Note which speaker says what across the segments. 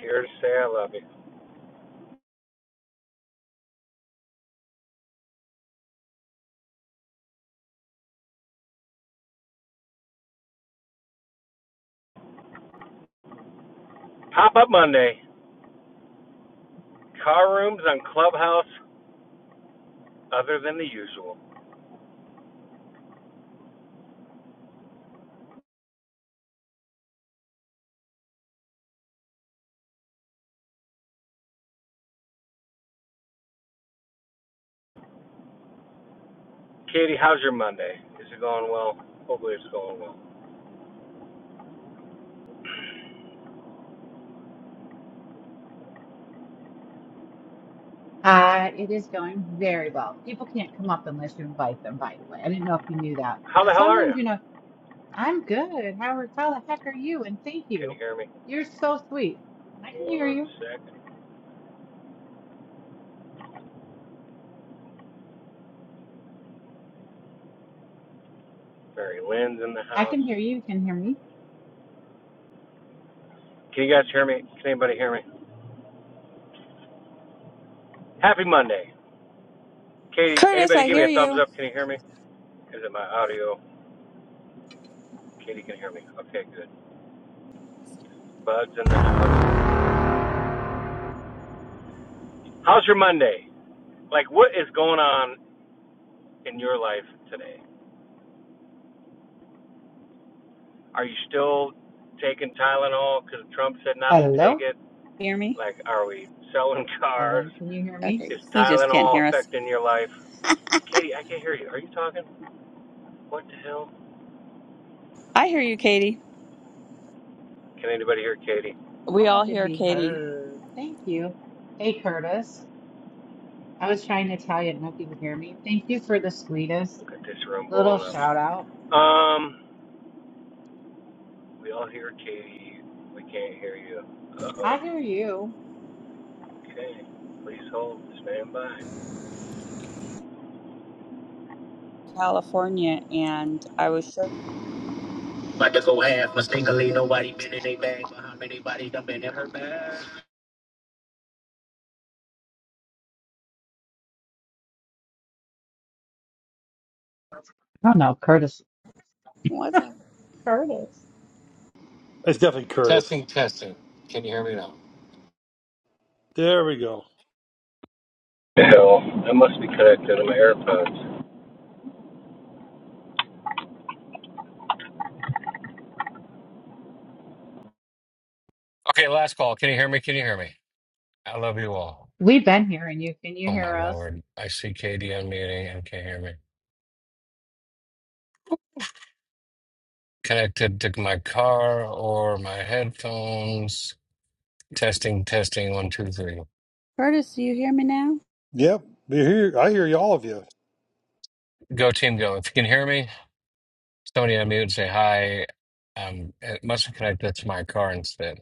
Speaker 1: Here to say I love you. Pop up Monday. Car rooms on Clubhouse, other than the usual. Katie, how's your Monday? Is it going well? Hopefully it's going well.
Speaker 2: Uh, it is going very well. People can't come up unless you invite them, by the way. I didn't know if you knew that.
Speaker 1: How the
Speaker 2: Because
Speaker 1: hell
Speaker 2: some
Speaker 1: are
Speaker 2: rooms,
Speaker 1: you?
Speaker 2: you know, I'm good. Howard, how the heck are you? And thank
Speaker 1: Can you
Speaker 2: you.
Speaker 1: hear me?
Speaker 2: You're so sweet. I can hear
Speaker 1: One
Speaker 2: you.
Speaker 1: second. Barry Lynn's in the
Speaker 2: I
Speaker 1: house.
Speaker 2: can hear you. You can hear me.
Speaker 1: Can you guys hear me? Can anybody hear me? Happy Monday. Katie,
Speaker 3: Curtis,
Speaker 1: anybody
Speaker 3: I
Speaker 1: give me
Speaker 3: hear
Speaker 1: a thumbs
Speaker 3: you.
Speaker 1: up? Can you hear me? Is it my audio? Katie can hear me. Okay, good. Bud's in the house. How's your Monday? Like, what is going on in your life today? Are you still taking Tylenol because Trump said not to take
Speaker 2: Hello,
Speaker 1: it?
Speaker 3: Hear me?
Speaker 1: Like, are we selling cars?
Speaker 2: Marilyn. Can you hear me?
Speaker 3: Okay,
Speaker 1: Is
Speaker 3: he just can't hear
Speaker 1: Tylenol
Speaker 3: us.
Speaker 1: affecting your life? Katie, I can't hear you. Are you talking? What the hell?
Speaker 3: I hear you, Katie.
Speaker 1: Can anybody hear Katie?
Speaker 2: I
Speaker 3: We all
Speaker 2: had to
Speaker 3: hear
Speaker 2: be
Speaker 3: Katie,
Speaker 2: heard. Thank you. Hey, Curtis. I was trying to tell you, I don't know if you could hear me. Thank you for the sweetest
Speaker 1: Look at this room
Speaker 2: little
Speaker 1: blowing
Speaker 2: shout
Speaker 1: up.
Speaker 2: out.
Speaker 1: Um, we all hear Katie. We can't hear you. Uh
Speaker 2: I
Speaker 1: oh.
Speaker 2: hear you.
Speaker 1: Okay. Please hold. Stand by.
Speaker 3: California, and I was sure.
Speaker 1: About to go half mistakenly. Nobody been in a bag. Behind anybody dumping in her bag.
Speaker 2: Oh no, Curtis.
Speaker 3: What's up,
Speaker 2: Curtis.
Speaker 4: It's definitely Curtis.
Speaker 1: Testing, testing. Can you hear me now?
Speaker 4: There we go.
Speaker 1: Hell, I must be connected to my AirPods. Okay, last call. Can you hear me? Can you hear me? I love you all.
Speaker 2: We've been hearing you. Can you
Speaker 1: Oh
Speaker 2: hear
Speaker 1: my
Speaker 2: us?
Speaker 1: lord. I see KD unmuting and can't hear me. Connected to my car or my headphones. Testing, testing, one, two, three.
Speaker 3: Curtis? Do you hear me now?
Speaker 4: Yep, we hear. I hear you, all of you.
Speaker 1: Go team go. If you can hear me, somebody unmute and say hi. Um it must be connected to my car instead.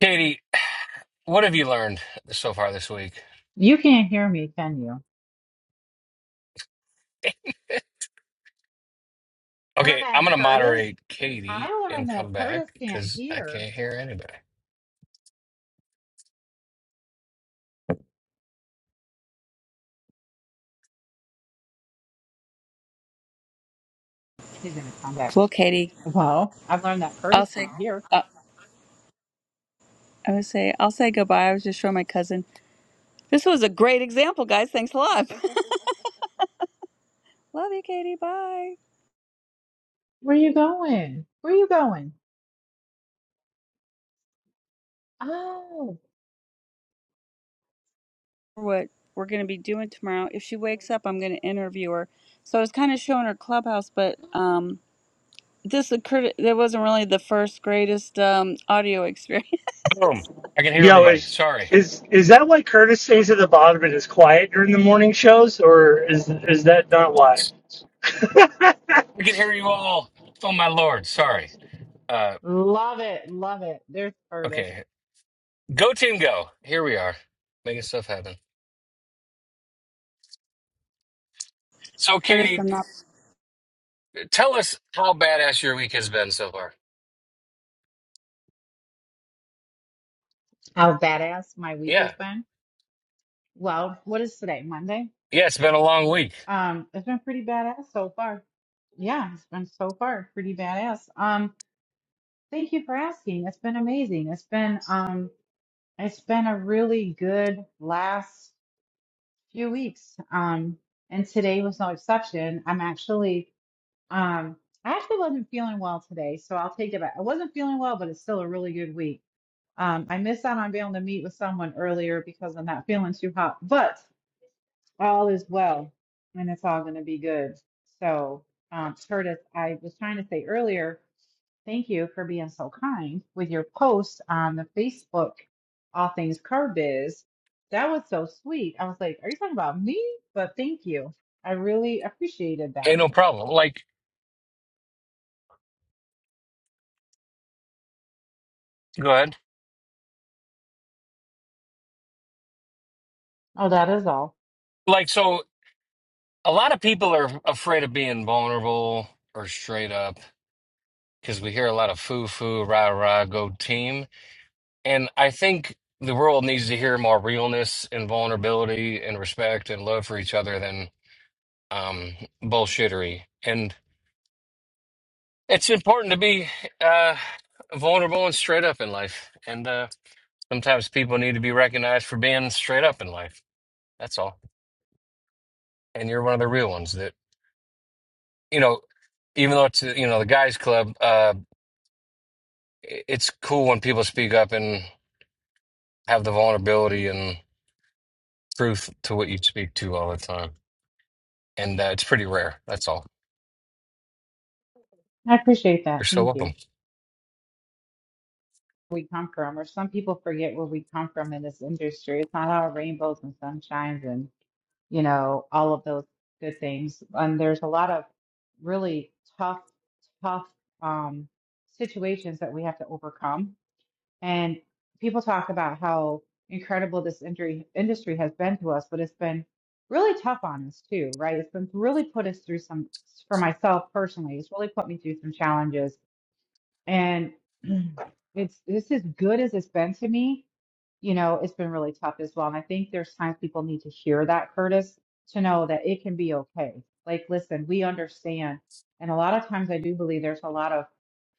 Speaker 1: Katie, what have you learned so far this week?
Speaker 2: You can't hear me, can you? Learn
Speaker 1: Okay,
Speaker 2: that
Speaker 1: I'm gonna
Speaker 2: Curtis.
Speaker 1: moderate
Speaker 2: I
Speaker 1: Katie and
Speaker 2: learned that
Speaker 1: come
Speaker 2: Curtis
Speaker 1: back
Speaker 2: can't
Speaker 1: because I
Speaker 2: hear.
Speaker 1: can't hear anybody.
Speaker 2: He's gonna come back.
Speaker 3: Well, Katie,
Speaker 2: Well, I've learned that
Speaker 3: I'll
Speaker 2: Curtis
Speaker 3: say.
Speaker 2: can't hear.
Speaker 3: Uh, I would say I'll say goodbye. I was just showing my cousin. This was a great example, guys. Thanks a lot. Love you, Katie. Bye.
Speaker 2: Where you going? Where you going? Oh,
Speaker 3: What we're gonna be doing tomorrow? If she wakes up, I'm gonna interview her. So I was kind of showing her clubhouse, but um, this occurred. That wasn't really the first greatest um audio experience
Speaker 1: Boom. I can hear
Speaker 5: Yo,
Speaker 1: everybody.
Speaker 5: is
Speaker 1: Sorry.
Speaker 5: is is that why Curtis stays at the bottom and is quiet during the morning shows, or is is that not why? how
Speaker 1: I can hear you all. Oh my lord. Sorry. Uh
Speaker 2: love it, love it. There's Curtis.
Speaker 1: okay. Go team go. Here we are. Making stuff happen. So
Speaker 3: Curtis
Speaker 1: Katie,
Speaker 3: from Knoxville.
Speaker 1: tell us how badass your week has been so far.
Speaker 2: How badass my week has
Speaker 1: Yeah.
Speaker 2: been. Well, what is today? Monday?
Speaker 1: Yeah, it's been a long week.
Speaker 2: Um, it's been pretty badass so far. Yeah, it's been so far pretty badass. Um, thank you for asking. It's been amazing. It's been um It's been a really good last few weeks. Um, and today was no exception. I'm actually, um, I actually wasn't feeling well today, so I'll take it back. I wasn't feeling well, but it's still a really good week. Um, I missed out on being able to meet with someone earlier because I'm not feeling too hot, but all is well and it's all going to be good. So, um, Curtis, I was trying to say earlier. Thank you for being so kind with your post on the Facebook, All Things Curb Biz. That was so sweet. I was like, are you talking about me? But thank you. I really appreciated that.
Speaker 1: Hey, no problem. Like go ahead.
Speaker 2: Oh, that is all.
Speaker 1: Like so a lot of people are afraid of being vulnerable or straight up because we hear a lot of foo foo, rah rah, go team. And I think the world needs to hear more realness and vulnerability and respect and love for each other than um, bullshittery. And it's important to be uh, vulnerable and straight up in life. And uh, sometimes people need to be recognized for being straight up in life. That's all. And you're one of the real ones that, you know, even though it's, uh, you know, the guys club, uh, i- it's cool when people speak up and have the vulnerability and truth to what you speak to all the time. And uh, it's pretty rare. That's all.
Speaker 2: I appreciate that.
Speaker 1: You're so
Speaker 2: Thank you.
Speaker 1: welcome.
Speaker 2: We come from, or some people forget where we come from in this industry. It's not all rainbows and sunshines and, you know, all of those good things. And there's a lot of really tough, tough um, situations that we have to overcome And people talk about how incredible this industry industry has been to us, but it's been really tough on us too, right? It's been really put us through some, for myself personally, it's really put me through some challenges. And it's it's as good as it's been to me you know, it's been really tough as well. And I think there's times people need to hear that, Curtis, to know that it can be okay. Like, listen, we understand. And a lot of times I do believe there's a lot of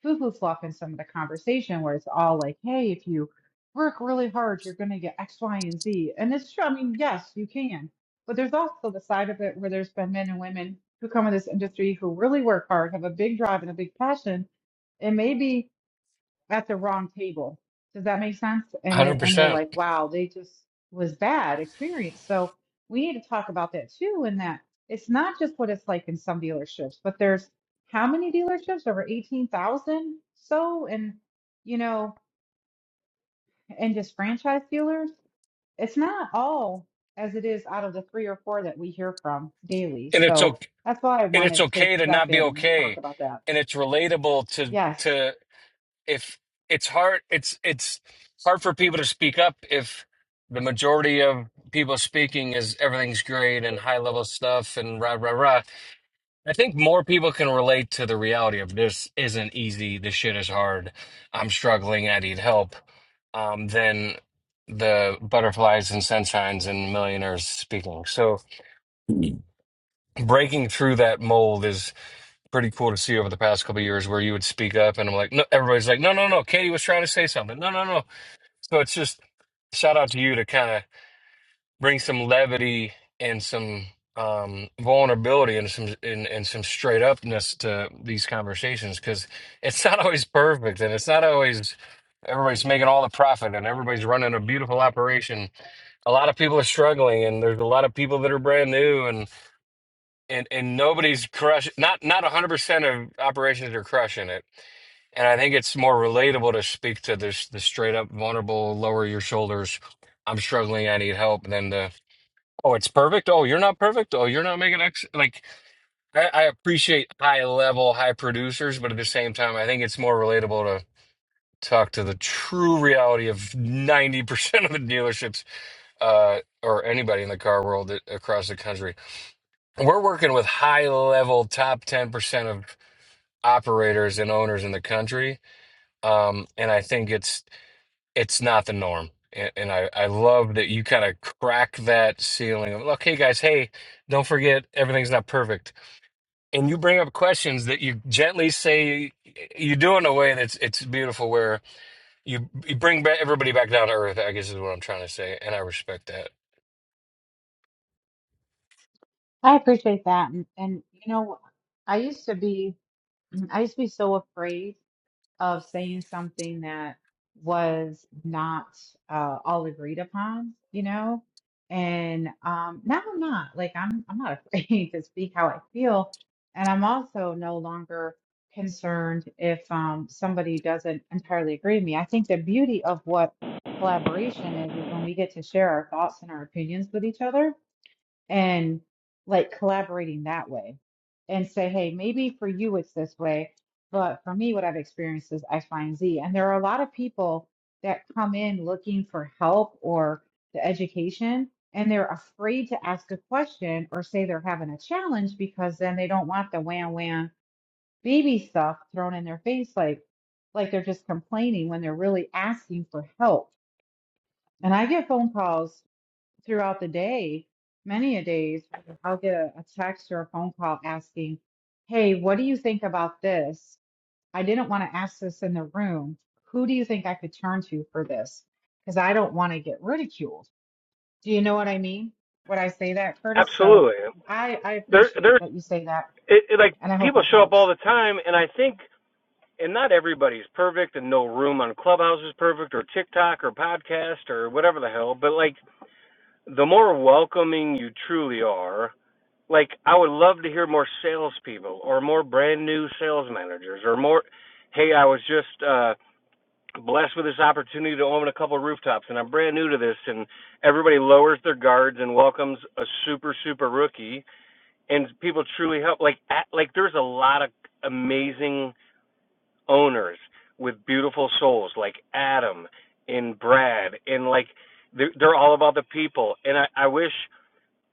Speaker 2: foo-foo fluff in some of the conversation where it's all like, hey, if you work really hard, you're going to get X, Y, and Z. And it's true. I mean, yes, you can. But there's also the side of it where there's been men and women who come in this industry who really work hard, have a big drive and a big passion, and maybe at the wrong table. Does that make sense? And they, and they're
Speaker 1: 100%.
Speaker 2: like, wow, they just was bad experience. So we need to talk about that too. And that it's not just what it's like in some dealerships, but there's how many dealerships over 18,000 so and you know and just franchise dealers. It's not all as it is out of the three or four that we hear from daily.
Speaker 1: And it's
Speaker 2: So
Speaker 1: okay
Speaker 2: that's why I
Speaker 1: and it's
Speaker 2: wanted to
Speaker 1: okay to
Speaker 2: step
Speaker 1: not be
Speaker 2: in and talk
Speaker 1: okay.
Speaker 2: about that.
Speaker 1: And it's relatable to
Speaker 2: Yes,
Speaker 1: to if it's hard it's it's hard for people to speak up if the majority of people speaking is everything's great and high level stuff and rah rah rah. I think more people can relate to the reality of this isn't easy, this shit is hard, I'm struggling, I need help, um, than the butterflies and sunshines and millionaires speaking. So breaking through that mold is pretty cool to see over the past couple of years where you would speak up and I'm like, no, everybody's like, no, no, no, Katie was trying to say something. No, no, no. So it's just shout out to you to kind of bring some levity and some um vulnerability and some and, and some straight upness to these conversations because it's not always perfect and it's not always everybody's making all the profit and everybody's running a beautiful operation a lot of people are struggling and there's a lot of people that are brand new and and and nobody's crushing not not 100% of operations are crushing it and I think it's more relatable to speak to this the straight up vulnerable, lower your shoulders. I'm struggling. I need help. Than the Oh, it's perfect. Oh, you're not perfect. Oh, you're not making X. Like, I, I appreciate high level, high producers, but at the same time, I think it's more relatable to talk to the true reality of 90% of the dealerships uh, or anybody in the car world that, across the country. We're working with high level, top 10% of operators and owners in the country. Um, and I think it's it's not the norm. And, and I, I love that you kind of crack that ceiling of, okay, guys, hey, don't forget everything's not perfect. And you bring up questions that you gently say you do in a way that's it's beautiful, where you you bring ba- everybody back down to earth. I guess is what I'm trying to say, and I respect that.
Speaker 2: I appreciate that. And, and you know, I used to be Mhm. I used to be so afraid of saying something that was not uh, all agreed upon, you know? And um, now I'm not. Like I'm I'm not afraid to speak how I feel. And I'm also no longer concerned if um, somebody doesn't entirely agree with me. I think the beauty of what collaboration is is when we get to share our thoughts and our opinions with each other and like collaborating that way and say, hey, maybe for you it's this way, but for me, what I've experienced is X, Y, and Z. And there are a lot of people that come in looking for help or the education, and they're afraid to ask a question or say they're having a challenge because then they don't want the wham wham baby stuff thrown in their face, like like they're just complaining when they're really asking for help. And I get phone calls throughout the day, many a days, I'll get a, a text or a phone call asking, Hey, what do you think about this? I didn't want to ask this in the room. Who do you think I could turn to for this? Because I don't want to get ridiculed. Do you know what I mean? When I say that, Curtis? So
Speaker 1: Absolutely.
Speaker 2: I, I
Speaker 1: There,
Speaker 2: appreciate
Speaker 1: there's
Speaker 2: that you say that,
Speaker 1: it, it, like
Speaker 2: and I hope
Speaker 1: people
Speaker 2: it
Speaker 1: show up
Speaker 2: helps.
Speaker 1: all the time, and I think, and not everybody's perfect, and no room on Clubhouse is perfect, or TikTok, or podcast, or whatever the hell. But like, the more welcoming you truly are, like I would love to hear more salespeople or more brand new sales managers or more. Hey, I was just uh, blessed with this opportunity to own a couple of rooftops, and I'm brand new to this. And everybody lowers their guards and welcomes a super super rookie, and people truly help. Like at, like there's a lot of amazing owners with beautiful souls, like Adam and Brad, and like they're, they're all about the people. And I, I wish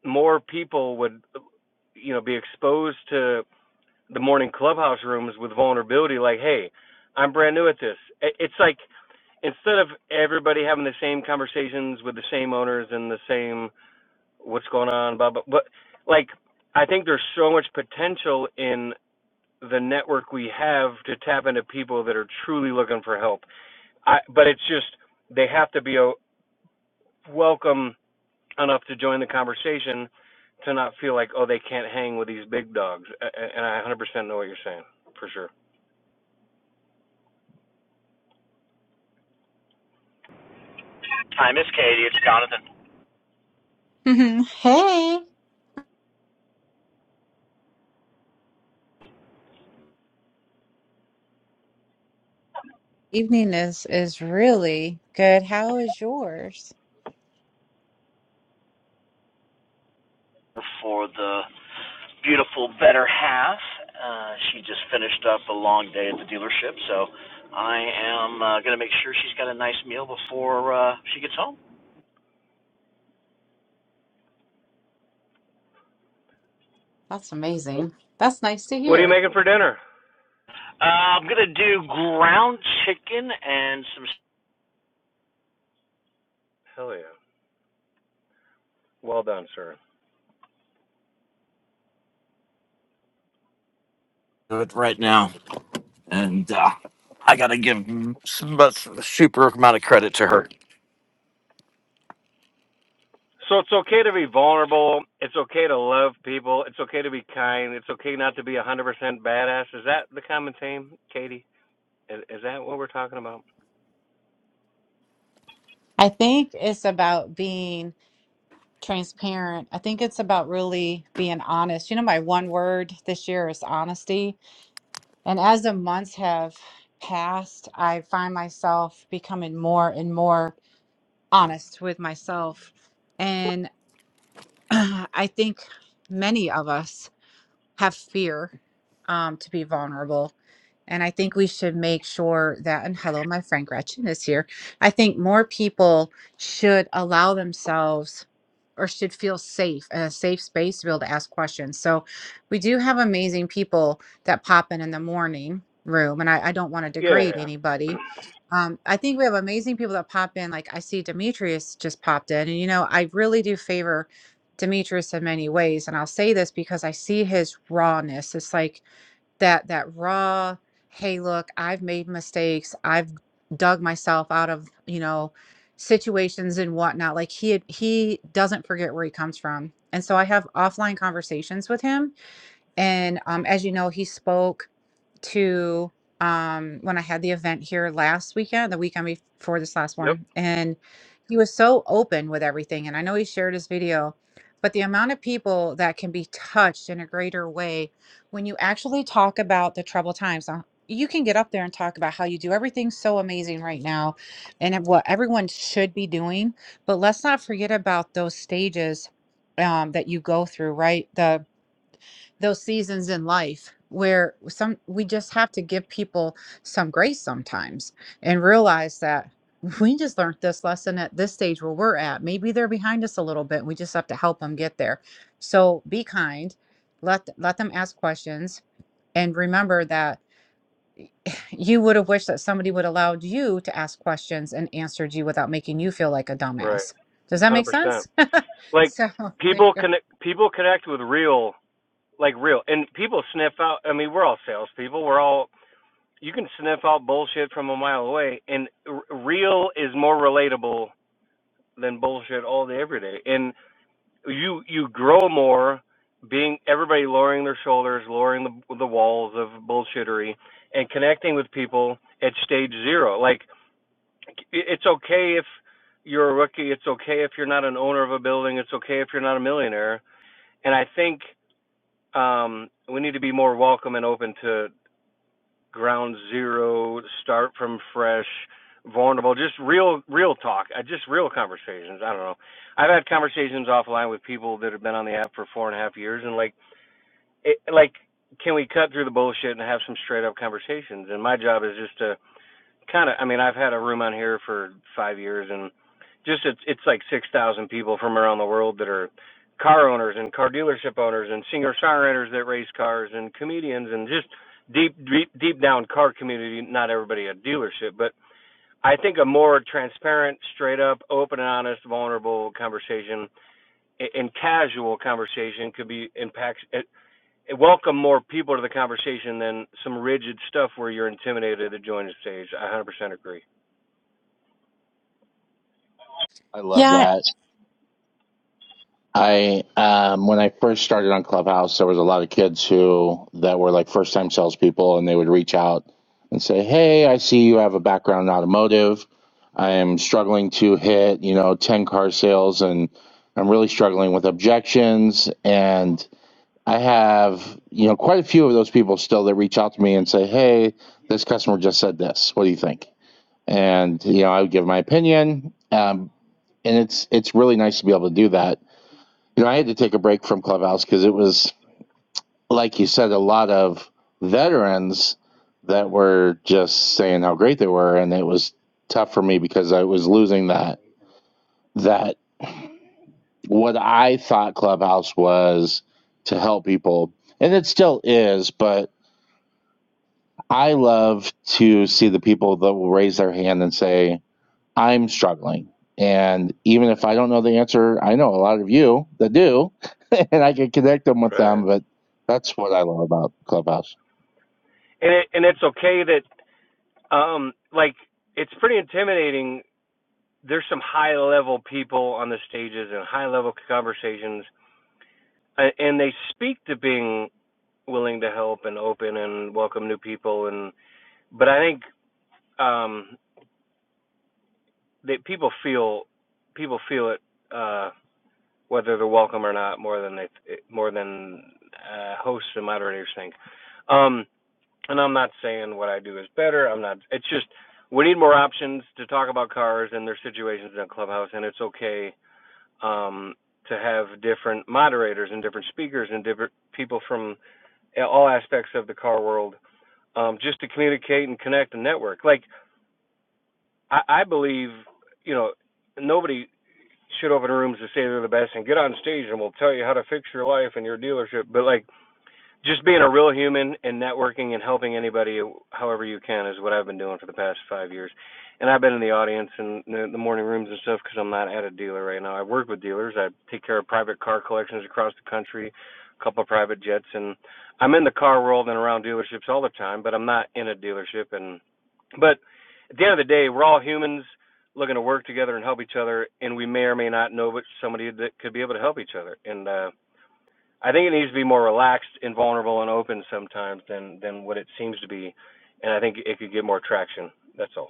Speaker 1: more people would you know be exposed to the morning clubhouse rooms with vulnerability like hey i'm brand new at this it's like instead of everybody having the same conversations with the same owners and the same what's going on blah blah but like i think there's so much potential in the network we have to tap into people that are truly looking for help I, but it's just they have to be a welcome enough to join the conversation to not feel like oh they can't hang with these big dogs. And I 100% know what you're saying for sure.
Speaker 6: Hi, Miss Katie. It's Jonathan
Speaker 2: Evening is is really good. How is yours?
Speaker 6: for the beautiful better half. Uh, she just finished up a long day at the dealership, so I am uh, going to make sure she's got a nice meal before uh, she gets home.
Speaker 2: That's amazing. That's nice to
Speaker 1: What are you
Speaker 2: hear.
Speaker 1: making for dinner?
Speaker 6: Uh, I'm going to do ground chicken and some.
Speaker 1: Hell yeah. Well done, sir.
Speaker 6: Do it right now, and uh, I got to give some a super amount of credit to her.
Speaker 1: So it's okay to be vulnerable. It's okay to love people. It's okay to be kind. It's okay not to be 100% badass. Is that the common theme, Katie? Is, is that what we're talking about?
Speaker 2: I think it's about being. transparent. I think it's about really being honest. You know, my one word this year is honesty. And as the months have passed, I find myself becoming more and more honest with myself. And I think many of us have fear um, to be vulnerable. And I think we should make sure that, and hello, my friend Gretchen is here. I think more people should allow themselves or should feel safe in a safe space to be able to ask questions. So we do have amazing people that pop in in the morning room, and I, I don't want to
Speaker 1: Yeah, yeah,
Speaker 2: degrade
Speaker 1: yeah.
Speaker 2: anybody. Um, I think we have amazing people that pop in. Like I see Demetrius just popped in, and you know, I really do favor Demetrius in many ways. And I'll say this because I see his rawness. It's like that that raw, hey, look, I've made mistakes. I've dug myself out of, you know, situations and whatnot. Like he he doesn't forget where he comes from. And so I have offline conversations with him. And um, as you know, he spoke to um when I had the event here last weekend, the weekend before this last
Speaker 1: Yep.
Speaker 2: one, and he was so open with everything. And I know he shared his video, but the amount of people that can be touched in a greater way when you actually talk about the troubled times. uh, You can get up there and talk about how you do everything so amazing right now and what everyone should be doing. But let's not forget about those stages um, that you go through, right? The those seasons in life where some we just have to give people some grace sometimes and realize that we just learned this lesson at this stage where we're at. Maybe they're behind us a little bit. and We just have to help them get there. So be kind. Let let them ask questions and remember that you would have wished that somebody would allowed you to ask questions and answered you without making you feel like a
Speaker 1: Right.
Speaker 2: dumbass. Does that make
Speaker 1: 100%.
Speaker 2: sense?
Speaker 1: Like
Speaker 2: So there
Speaker 1: people
Speaker 2: you go.
Speaker 1: connect people connect with real like real and people sniff out I mean, we're all salespeople. We're all you can sniff out bullshit from a mile away, and r- real is more relatable than bullshit all day every day. And you you grow more being everybody lowering their shoulders, lowering the the walls of bullshittery, and connecting with people at stage zero. Like it's okay if you're a rookie. It's okay if you're not an owner of a building. It's okay if you're not a millionaire. And I think um, we need to be more welcome and open to ground zero, start from fresh, vulnerable, just real real talk, uh, just real conversations. I don't know. I've had conversations offline with people that have been on the app for four and a half years, and like, it, like, can we cut through the bullshit and have some straight up conversations? And my job is just to kind of i mean i've had a room on here for five years and just it's it's like six thousand people from around the world that are car owners and car dealership owners and singer songwriters that race cars and comedians and just deep deep deep down car community not everybody at dealership but i think a more transparent straight up open and honest vulnerable conversation and casual conversation could be impacts it, it welcome more people to the conversation than some rigid stuff where you're intimidated to join the stage i 100% agree
Speaker 7: I love
Speaker 2: Yeah,
Speaker 7: that. I um when I first started on Clubhouse, there was a lot of kids who that were like first time salespeople, and they would reach out and say, "Hey, I see you have a background in automotive. I am struggling to hit you know ten car sales, and I'm really struggling with objections." And I have you know quite a few of those people still that reach out to me and say, "Hey, this customer just said this. What do you think?" And you know I would give my opinion. Um, and it's it's really nice to be able to do that You know, I had to take a break from Clubhouse because it was, like you said, a lot of veterans that were just saying how great they were, and it was tough for me because I was losing that that what I thought Clubhouse was to help people, and it still is, but I love to see the people that will raise their hand and say, I'm struggling. And even if I don't know the answer, I know a lot of you that do, and I can connect them with
Speaker 1: Right.
Speaker 7: them. But that's what I love about Clubhouse.
Speaker 1: And it and it's okay that um like it's pretty intimidating. There's some high level people on the stages and high level conversations uh, and they speak to being willing to help and open and welcome new people and but I think um that people feel people feel it uh whether they're welcome or not more than they more than uh hosts and moderators think. Um and I'm not saying what I do is better. I'm not. It's just we need more options to talk about cars and their situations in a clubhouse, and it's okay um, to have different moderators and different speakers and different people from all aspects of the car world, um, just to communicate and connect and network. Like I, I believe, you know, nobody should open rooms to say they're the best and get on stage and we'll tell you how to fix your life and your dealership. But like Just being a real human and networking and helping anybody however you can is what I've been doing for the past five years. And I've been in the audience and the, morning rooms and stuff because I'm not at a dealer right now. I work with dealers. I take care of private car collections across the country, a couple of private jets, and I'm in the car world and around dealerships all the time. But I'm not in a dealership. And but at the end of the day, we're all humans looking to work together and help each other. And we may or may not know but somebody that could be able to help each other. And uh, I think it needs to be more relaxed and vulnerable and open sometimes than than what it seems to be, and I think it could get more traction. That's all.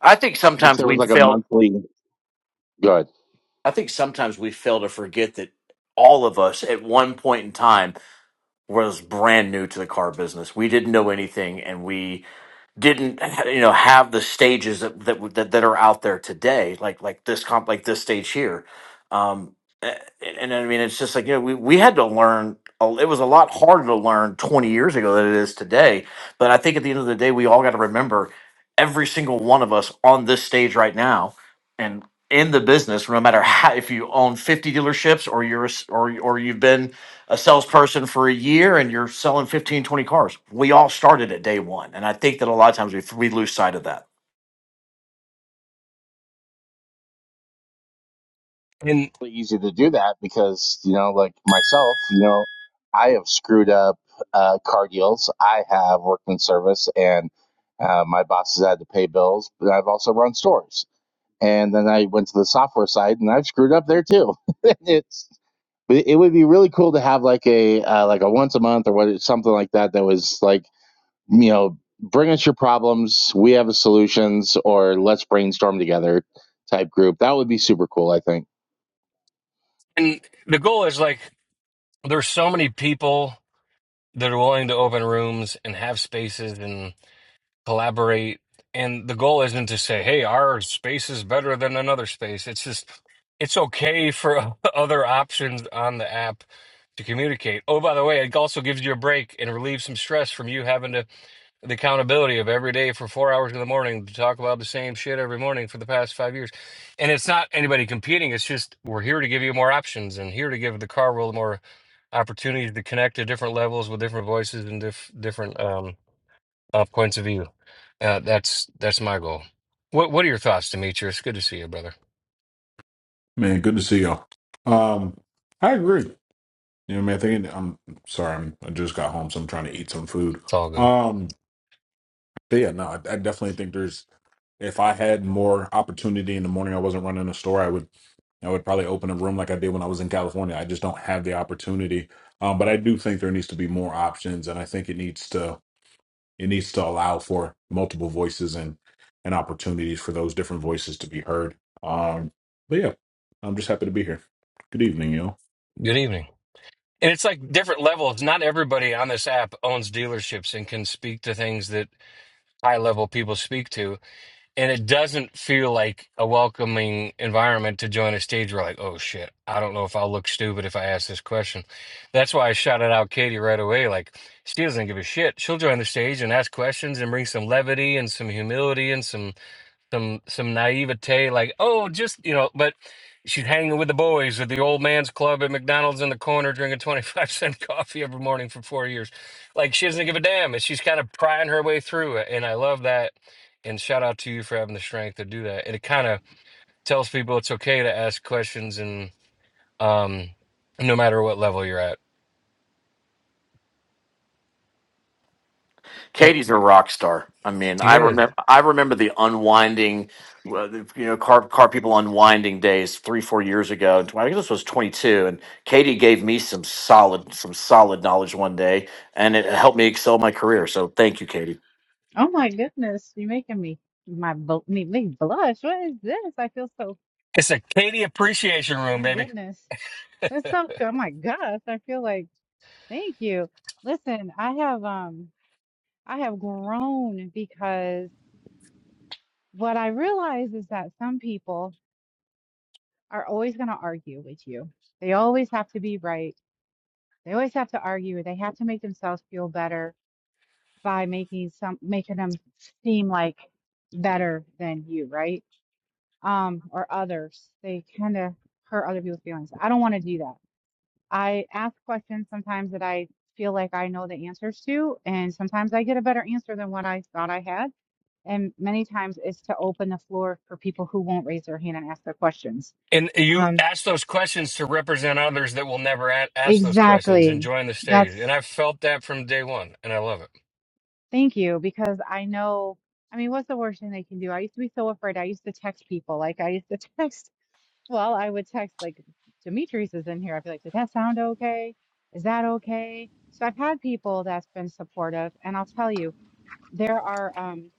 Speaker 6: I think
Speaker 7: If
Speaker 6: sometimes
Speaker 7: there was
Speaker 6: we
Speaker 7: like a
Speaker 6: fail.
Speaker 7: monthly, good,
Speaker 6: I think sometimes we fail to forget that all of us at one point in time was brand new to the car business. We didn't know anything, and we didn't, you know, have the stages that that that, that are out there today, like like this comp, like this stage here. Um, a- and, I mean, it's just like you know, we we had to learn. a- It was a lot harder to learn 20 years ago than it is today. But I think at the end of the day, we all got to remember every single one of us on this stage right now, and in the business, no matter how if you own 50 dealerships or you're a s- or or you've been a salesperson for a year and you're selling 15, 20 cars. We all started at day one. And I think that a lot of times we, we lose sight of that.
Speaker 1: And
Speaker 7: easy to do that because, you know, like myself, you know, I have screwed up uh, car deals. I have worked in service and uh, my bosses had to pay bills, but I've also run stores. And then I went to the software side and I've screwed up there too. it's But it would be really cool to have like a uh, like a once a month or what something like that that was like you know bring us your problems, we have a solutions, or let's brainstorm together type group. That would be super cool. I think.
Speaker 1: and the goal is like there's so many people that are willing to open rooms and have spaces and. collaborate. And the goal isn't to say, hey, our space is better than another space. It's just, it's okay for other options on the app to communicate. Oh, by the way, it also gives you a break and relieves some stress from you having to the accountability of every day for four hours in the morning to talk about the same shit every morning for the past five years. And it's not anybody competing. It's just we're here to give you more options and here to give the car world more opportunities to connect to different levels with different voices and diff- different um, uh, points of view. Uh, that's that's my goal. What What are your thoughts, Demetrius? Good to see you, brother.
Speaker 8: Man, good to see y'all. Um, I agree. You know, man, I think I'm sorry, I'm, I just got home, so I'm trying to eat some food.
Speaker 1: It's all good.
Speaker 8: Um, but yeah, no, I, I definitely think there's if I had more opportunity in the morning, I wasn't running a store, I would I would probably open a room like I did when I was in California. I just don't have the opportunity. Um, but I do think there needs to be more options, and I think it needs to it needs to allow for multiple voices and and opportunities for those different voices to be heard. Um, but yeah, I'm just happy to be here. Good evening, y'all.
Speaker 1: Good evening. And it's like different levels. Not everybody on this app owns dealerships and can speak to things that high level people speak to. And it doesn't feel like a welcoming environment to join a stage where, like, oh shit, I don't know if I'll look stupid if I ask this question. That's why I shouted out Katie right away. Like, she doesn't give a shit. She'll join the stage and ask questions and bring some levity and some humility and some some some naivete like oh just you know but she's hanging with the boys at the old man's club at mcdonald's in the corner drinking 25 cent coffee every morning for four years like she doesn't give a damn and she's kind of prying her way through it and i love that and shout out to you for having the strength to do that and it kind of tells people it's okay to ask questions and um no matter what level you're at it,
Speaker 6: Katie's a rock star. I mean,
Speaker 1: she
Speaker 6: I
Speaker 1: is
Speaker 6: remember, I remember the unwinding, well, the, you know, car, car people unwinding days three, four years ago. And I think this was 22. And Katie gave me some solid, some solid knowledge one day and it helped me excel my career. So thank you, Katie.
Speaker 2: Oh my goodness, you're making me my bo- me me blush. What is this? I feel so
Speaker 1: it's a katie appreciation room
Speaker 2: my
Speaker 1: baby
Speaker 2: goodness. That's so cool. Oh my gosh. I feel like thank you. Listen, I have um I have grown because what I realize is that some people are always going to argue with you. They always have to be right. They always have to argue. They have to make themselves feel better by making some making them seem like better than you, right? um, or others. They kind of hurt other people's feelings. I don't want to do that. I ask questions sometimes that I feel like I know the answers to, and sometimes I get a better answer than what I thought I had. And many times it's to open the floor for people who won't raise their hand and ask their questions.
Speaker 1: And you
Speaker 2: Um,
Speaker 1: ask those questions to represent others that will never a- ask those questions and
Speaker 2: exactly.
Speaker 1: join the stage. And
Speaker 2: That's
Speaker 1: I felt that from day one, and I love it.
Speaker 2: thank you because I know. I mean, what's the worst thing they can do? I used to be so afraid. I used to text people. Like I used to text. Well, I would text like Demetrius is in here. I'd be like, did that sound okay? Is that okay? So I've had people that's been supportive, and I'll tell you, there are um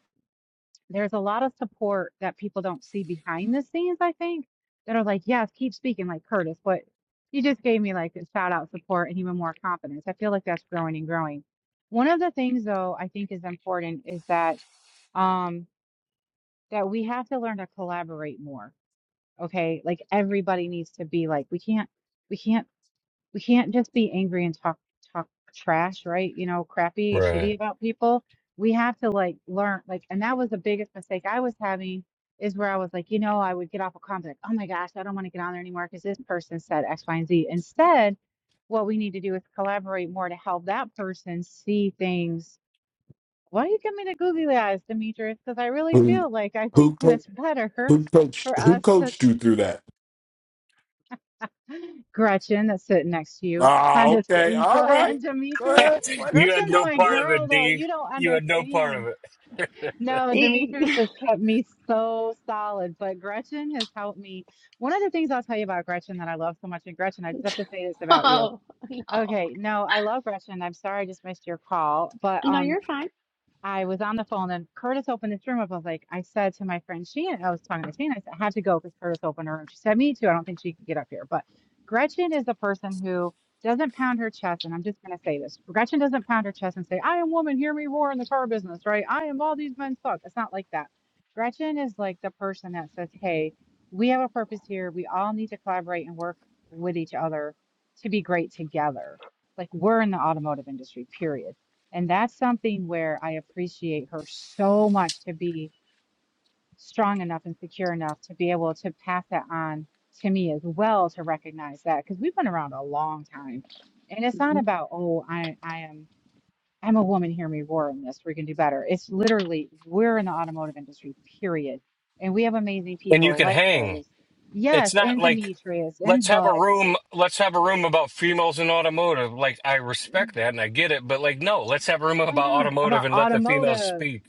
Speaker 2: there's a lot of support that people don't see behind the scenes, I think, that are like, yes, keep speaking like Curtis, but you just gave me like a shout out support and even more confidence. I feel like that's growing and growing. One of the things though I think is important is that um that we have to learn to collaborate more Okay. Like everybody needs to be like, we can't, we can't, we can't just be angry and talk, talk trash, right? You know, crappy, shitty
Speaker 1: Right.
Speaker 2: about people. We have to like learn, like, and that was the biggest mistake I was having is where I was like, you know, I would get off a comment, like, oh my gosh, I don't want to get on there anymore because this person said X, Y, and Z. Instead, what we need to do is collaborate more to help that person see things. Why do you give me the googly eyes, Demetrius? Because I really
Speaker 8: Who
Speaker 2: feel like I
Speaker 8: who
Speaker 2: think that
Speaker 8: co-
Speaker 2: it's better for
Speaker 8: who coached who
Speaker 2: us to
Speaker 8: coached you through that?
Speaker 2: Gretchen that's sitting next to you.
Speaker 8: Ah,
Speaker 2: I'm just
Speaker 8: okay,
Speaker 2: kidding.
Speaker 8: all
Speaker 2: But
Speaker 8: right. Go
Speaker 2: Demetrius,
Speaker 8: ahead, play if
Speaker 1: you had
Speaker 8: you
Speaker 2: Gretchen's
Speaker 1: no
Speaker 8: want
Speaker 2: my
Speaker 1: part
Speaker 8: to.
Speaker 1: of
Speaker 2: girl
Speaker 1: it,
Speaker 2: though.
Speaker 1: D.
Speaker 2: You don't
Speaker 1: You had no part of
Speaker 2: understand.
Speaker 1: it.
Speaker 2: No, Demetrius
Speaker 9: E-
Speaker 2: has kept me so solid, but Gretchen has helped me. One of the things I'll tell you about Gretchen that I love so much, and Gretchen, I just have to say this about you.
Speaker 9: oh,
Speaker 2: Okay, no, I love Gretchen. I'm sorry I just missed your call, but
Speaker 9: no,
Speaker 2: um,
Speaker 9: you're fine.
Speaker 2: I was on the phone and Curtis opened this room up. I was like, I said to my friend Sheena, I was talking to Sheena, I said, I have to go because Curtis opened her room. She said, Me too. I don't think she could get up here. But Gretchen is the person who doesn't pound her chest. And I'm just going to say this Gretchen doesn't pound her chest and say, I am woman, hear me roar in the car business, right? I am all these men suck. It's not like that. Gretchen is like the person that says, Hey, we have a purpose here. We all need to collaborate and work with each other to be great together. Like we're in the automotive industry, period and that's something where I appreciate her so much to be strong enough and secure enough to be able to pass that on to me as well to recognize that because we've been around a long time. And it's not
Speaker 9: hmm
Speaker 2: about, oh, I, I am I'm a woman, hear me roar in this, we can do better. It's literally we're in the automotive industry, period. And we have amazing
Speaker 1: And you
Speaker 2: people
Speaker 1: can
Speaker 2: like
Speaker 1: hang.
Speaker 2: Curtis.
Speaker 1: It's
Speaker 2: Yes,
Speaker 1: not
Speaker 2: and
Speaker 1: like
Speaker 2: Demetrius
Speaker 1: let's
Speaker 2: and
Speaker 1: have a
Speaker 2: Bud.
Speaker 1: room. Let's have a room about females in automotive. Like I respect that and I get it, but like no, let's have a room
Speaker 2: But
Speaker 1: about
Speaker 2: no,
Speaker 9: Oh,
Speaker 1: automotive
Speaker 2: about
Speaker 1: and let the females
Speaker 2: automotive.
Speaker 1: speak.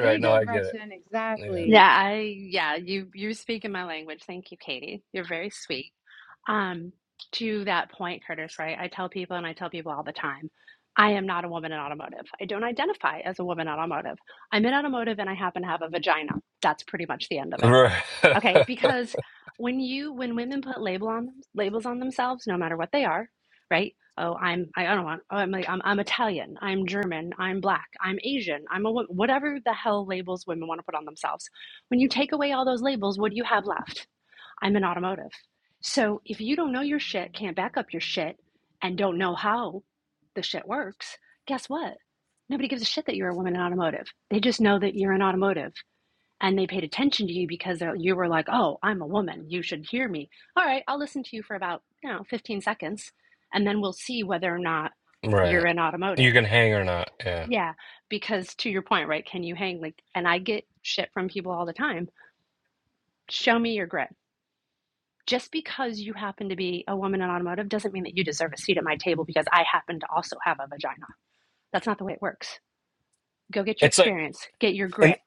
Speaker 2: There you
Speaker 1: No,
Speaker 9: no.
Speaker 2: go,
Speaker 1: I get it.
Speaker 2: Gretchen.
Speaker 1: Yeah.
Speaker 2: Exactly.
Speaker 9: Yeah, I yeah, you you speak in my language. Thank you, Katie. You're very sweet. Um, to that point, Curtis, right? I tell people and I tell people all the time, I am not a woman in automotive. I don't identify as a woman in automotive. I'm in automotive and I happen to have a vagina. That's pretty much the end of it.
Speaker 1: Right.
Speaker 9: Okay, because when you when women put label on them, labels on themselves, no matter what they are, right? Oh, I'm I don't want. Oh, I'm like I'm, I'm Italian. I'm German. I'm black. I'm Asian. I'm a wo- whatever the hell labels women want to put on themselves. When you take away all those labels, what do you have left? I'm an automotive. So if you don't know your shit, can't back up your shit, and don't know how the shit works, guess what? Nobody gives a shit that you're a woman in automotive. They just know that you're an automotive and they paid attention to you because you were like, "Oh, I'm a woman. You should hear me." All right, I'll listen to you for about you know 15 seconds, and then we'll see whether or not
Speaker 1: right.
Speaker 9: you're in
Speaker 1: You
Speaker 9: automotive.
Speaker 1: can hang or not. Yeah.
Speaker 9: Yeah, because to your point, right? Can you hang? Like, and I get shit from people all the time. Show me your grit. Just because you happen to be a woman in automotive doesn't mean that you deserve a seat at my table because I happen to also have a vagina. That's not the way it works. Go get your
Speaker 1: It's like.
Speaker 9: experience. Get your
Speaker 1: and.
Speaker 9: grit.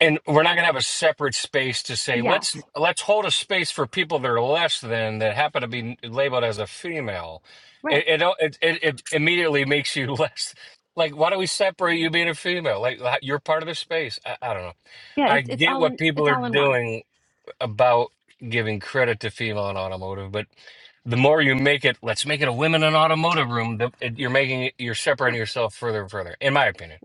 Speaker 1: and we're not going to have a separate space to say let's
Speaker 9: Yes.
Speaker 1: let's hold a space for people that are less than that happen to be labeled as a female
Speaker 9: Right.
Speaker 1: it it it, it, immediately makes you less like why do we separate you being a female like like, you're part of the space I, I don't know
Speaker 9: Yeah.
Speaker 1: i
Speaker 9: It's it's
Speaker 1: get
Speaker 9: all
Speaker 1: what
Speaker 9: in
Speaker 1: people
Speaker 9: it's
Speaker 1: are
Speaker 9: all in one.
Speaker 1: doing about giving credit to female in automotive but the more you make it let's make it a women in automotive room the, it, you're making it, you're separating yourself further and further in my opinion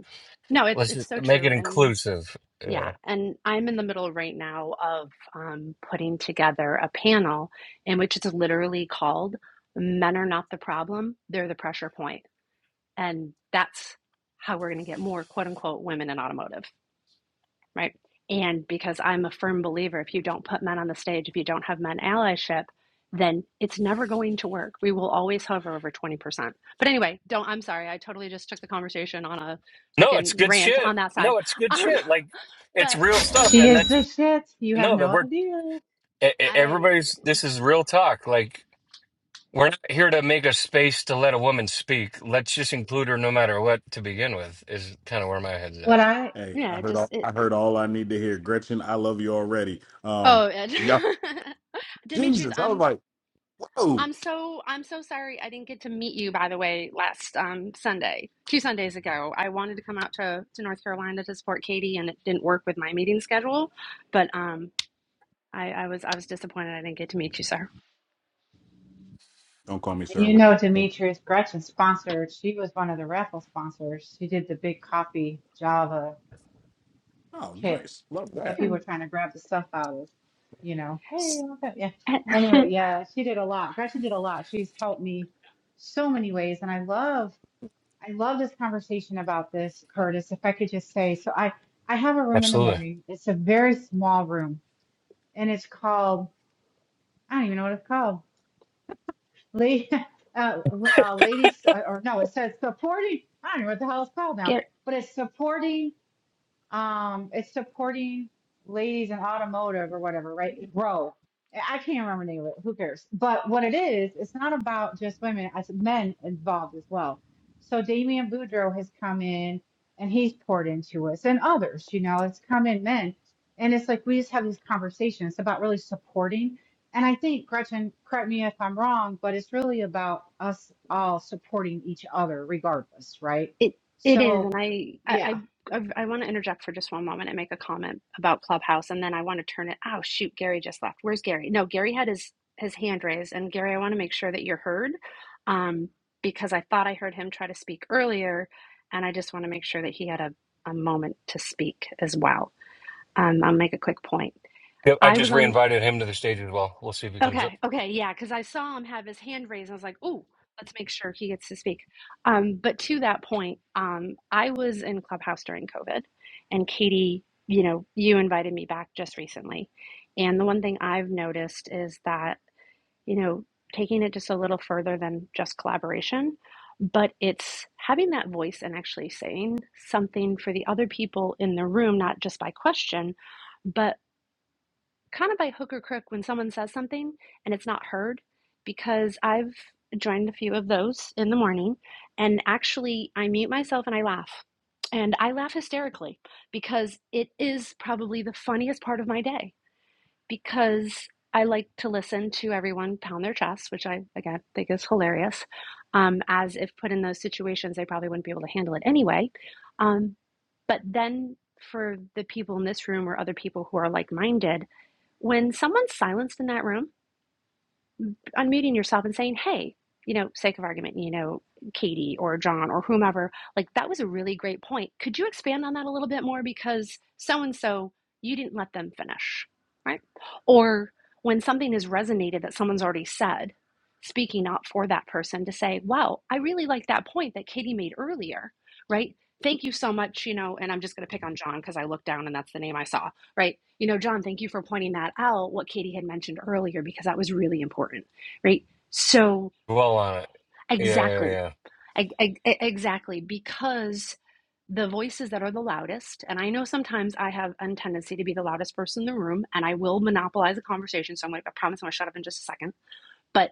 Speaker 9: No, it's
Speaker 1: let's
Speaker 9: it's
Speaker 1: just
Speaker 9: so
Speaker 1: make it
Speaker 9: true. And
Speaker 1: inclusive Yeah.
Speaker 9: yeah, and I'm in the middle right now of um, putting together a panel in which it's literally called Men Are Not the Problem, They're the Pressure Point. And that's how we're going to get more quote unquote women in automotive right? And because I'm a firm believer, if you don't put men on the stage, if you don't have men allyship, then it's never going to work. We will always hover over 20%. But anyway, don't, I'm sorry. I totally just took the conversation on a
Speaker 1: No,
Speaker 9: freaking
Speaker 1: it's good
Speaker 9: rant
Speaker 1: shit.
Speaker 9: on that side.
Speaker 1: No, it's good
Speaker 9: Um,
Speaker 1: shit. Like it's
Speaker 9: but
Speaker 1: real stuff,
Speaker 2: She
Speaker 1: and
Speaker 2: is
Speaker 1: that's
Speaker 2: the shit. You have
Speaker 1: no
Speaker 2: no
Speaker 1: that we're
Speaker 2: idea.
Speaker 1: e- e-
Speaker 9: I,
Speaker 1: everybody's. This is real talk. Like we're not here to make a space to let a woman speak. Let's just include her no matter what to begin with. Is kind of where my head's
Speaker 2: What
Speaker 1: at.
Speaker 2: I,
Speaker 8: Hey,
Speaker 9: yeah,
Speaker 8: I heard all
Speaker 9: just, it,
Speaker 8: I heard all I need to hear. Gretchen, I love you already. Um,
Speaker 9: oh, it.
Speaker 8: yeah,
Speaker 9: Demetrius,
Speaker 8: Jesus, I was
Speaker 9: I'm
Speaker 8: like, whoa.
Speaker 9: I'm so I'm so sorry I didn't get to meet you by the way last um, Sunday, two Sundays ago. I wanted to come out to, to North Carolina to support Katie and it didn't work with my meeting schedule, but um, I, I was I was disappointed I didn't get to meet you, sir.
Speaker 8: Don't call me
Speaker 2: and
Speaker 8: sir.
Speaker 2: you
Speaker 8: What-
Speaker 2: know, Demetrius Gretchen sponsored, she was one of the raffle sponsors. She did the big coffee Java
Speaker 8: Oh,
Speaker 2: kit
Speaker 8: nice, love
Speaker 2: that
Speaker 8: that.
Speaker 2: people were trying to grab the stuff out of, you know, hey,
Speaker 9: S-
Speaker 2: I want that. Yeah. Anyway, yeah, she did a lot. Gretchen did a lot. She's helped me so many ways. And I love, I love this conversation about this, Curtis. If I could just say, so I, I have a room in the
Speaker 1: Absolutely.
Speaker 2: morning. It's a very small room and it's called, I don't even know what it's called Lady, uh, uh, ladies, uh, or no, it says supporting, I don't know what the hell it's called now,
Speaker 9: Gar-
Speaker 2: but it's supporting um it's supporting ladies in automotive or whatever right grow i can't remember the name of it who cares but what it is it's not about just women it's men involved as well so Damian Boudreau has come in and he's poured into us and others you know it's come in men and it's like we just have these conversations it's about really supporting and I think Gretchen correct me if I'm wrong but it's really about us all supporting each other regardless right
Speaker 9: It it is,
Speaker 2: so
Speaker 9: and I
Speaker 2: yeah
Speaker 9: I I, I want to interject for just one moment and make a comment about Clubhouse, and then I want to turn it. Oh shoot, Gary just left. Where's Gary? No, Gary had his his hand raised, and Gary, I want to make sure that you're heard, um, because I thought I heard him try to speak earlier, and I just want to make sure that he had a a moment to speak as well. Um, I'll make a quick point.
Speaker 1: Yep. I
Speaker 9: I was
Speaker 1: just
Speaker 9: on.
Speaker 1: reinvited him to the stage as well. We'll see if he comes up.
Speaker 9: Okay, okay, yeah, because I saw him have his hand raised. And I was like, "Ooh, let's make sure he gets to speak." Um, but to that point, um, I was in Clubhouse during COVID, and Katie, you know, you invited me back just recently, and the one thing I've noticed is that you know taking it just a little further than just collaboration, but it's having that voice and actually saying something for the other people in the room, not just by question, but kind of by hook or crook when someone says something and it's not heard because I've joined a few of those in the morning and actually I mute myself and I laugh. And I laugh hysterically because it is probably the funniest part of my day because I like to listen to everyone pound their chests, which I again think is hilarious. Um, as if put in those situations, they probably wouldn't be able to handle it anyway. Um, but then for the people in this room or other people who are like minded, when someone's silenced in that room, unmuting yourself and saying, hey, you know, sake of argument, you know, Katie or John or whomever, like that was a really great point. Could you expand on that a little bit more? Because so and so, you didn't let them finish, right? Or when something has resonated that someone's already said, speaking up for that person to say, wow, I really like that point that Katie made earlier, right? Thank you so much, you know, and I'm just going to pick on John because I looked down and that's the name I saw, right? You know, John, thank you for pointing that out, what Katie had mentioned earlier, because that was really important right? So
Speaker 1: Well on it. Yeah,
Speaker 9: exactly,
Speaker 1: yeah,
Speaker 9: I, I, exactly, because the voices that are the loudest, and I know sometimes I have a tendency to be the loudest person in the room, and I will monopolize the conversation. So I'm gonna, I promise I'm gonna shut up in just a second. But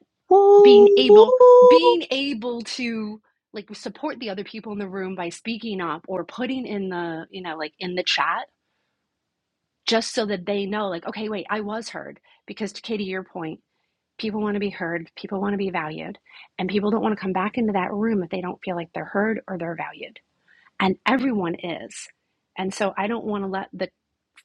Speaker 9: being
Speaker 10: Woo!
Speaker 9: able, being able to like support the other people in the room by speaking up or putting in the, you know, like in the chat, just so that they know, like, okay, wait, I was heard. Because to Katie, your point People want to be heard, people want to be valued, and people don't want to come back into that room if they don't feel like they're heard or they're valued. And everyone is. And so I don't want to let the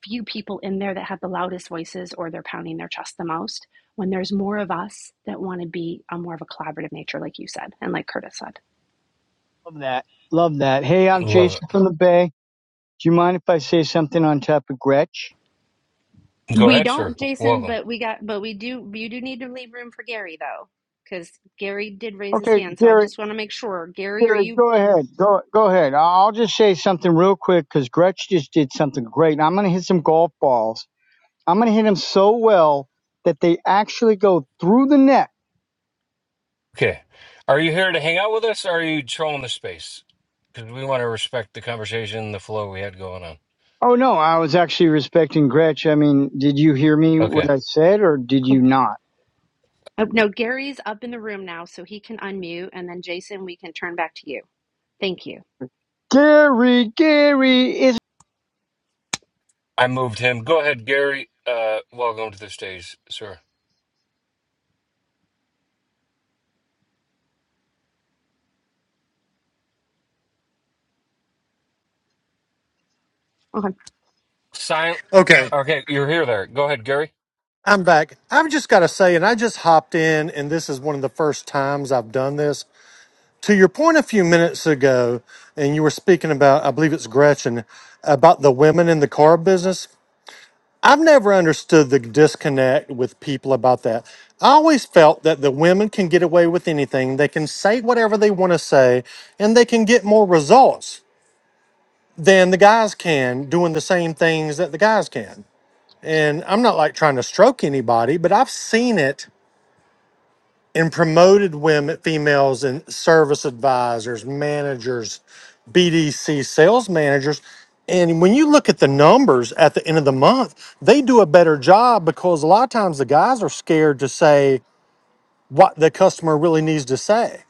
Speaker 9: few people in there that have the loudest voices or they're pounding their chest the most when there's more of us that want to be a more of a collaborative nature like you said and like Curtis said.
Speaker 10: Love that. Love that. Hey, I'm
Speaker 1: yeah. Love
Speaker 10: Jason
Speaker 1: it.
Speaker 10: from the Bay. Do you mind if I say something on top of Gretch?
Speaker 1: Go
Speaker 9: We
Speaker 1: ahead, sir.
Speaker 9: don't, Jason,
Speaker 1: Welcome.
Speaker 9: but we got but we do you do need to leave room for Gary though cuz Gary did raise his
Speaker 10: Okay,
Speaker 9: hand so I
Speaker 10: Gary,
Speaker 9: just want to make sure Gary are
Speaker 10: Gary,
Speaker 9: you
Speaker 10: go ahead. Go, go ahead. I'll just say something real quick because Gretch just did something great. I'm going to hit some golf balls. I'm going to hit them so well that they actually go through the net.
Speaker 1: Okay. Are you here to hang out with us? or Are you trolling the space? Because we want to respect the conversation, the flow we had going on.
Speaker 10: Oh no, I was actually respecting Gretch. I mean, did you hear me what
Speaker 1: Okay.
Speaker 10: I said or did you not?
Speaker 9: Oh, no, Gary's up in the room now, so he can unmute, and then Jason, we can turn back to you. Thank you.
Speaker 10: Gary, Gary, is
Speaker 1: I moved him. Go ahead, Gary. Uh, welcome to the stage, sir.
Speaker 9: Okay,
Speaker 1: Silent.
Speaker 11: Okay,
Speaker 1: Okay, you're here there. Go ahead, Gary.
Speaker 11: I'm back. I've just got to say, and I just hopped in, and this is one of the first times I've done this. To your point a few minutes ago, and you were speaking about, I believe it's Gretchen, about the women in the car business. I've never understood the disconnect with people about that. I always felt that the women can get away with anything. They can say whatever they want to say, and they can get more results than the guys can doing the same things that the guys can. and I'm not like trying to stroke anybody, but I've seen it in promoted women, females, and service advisors, managers, BDC sales managers. And when you look at the numbers at the end of the month, they do a better job because a lot of times the guys are scared to say what the customer really needs to say.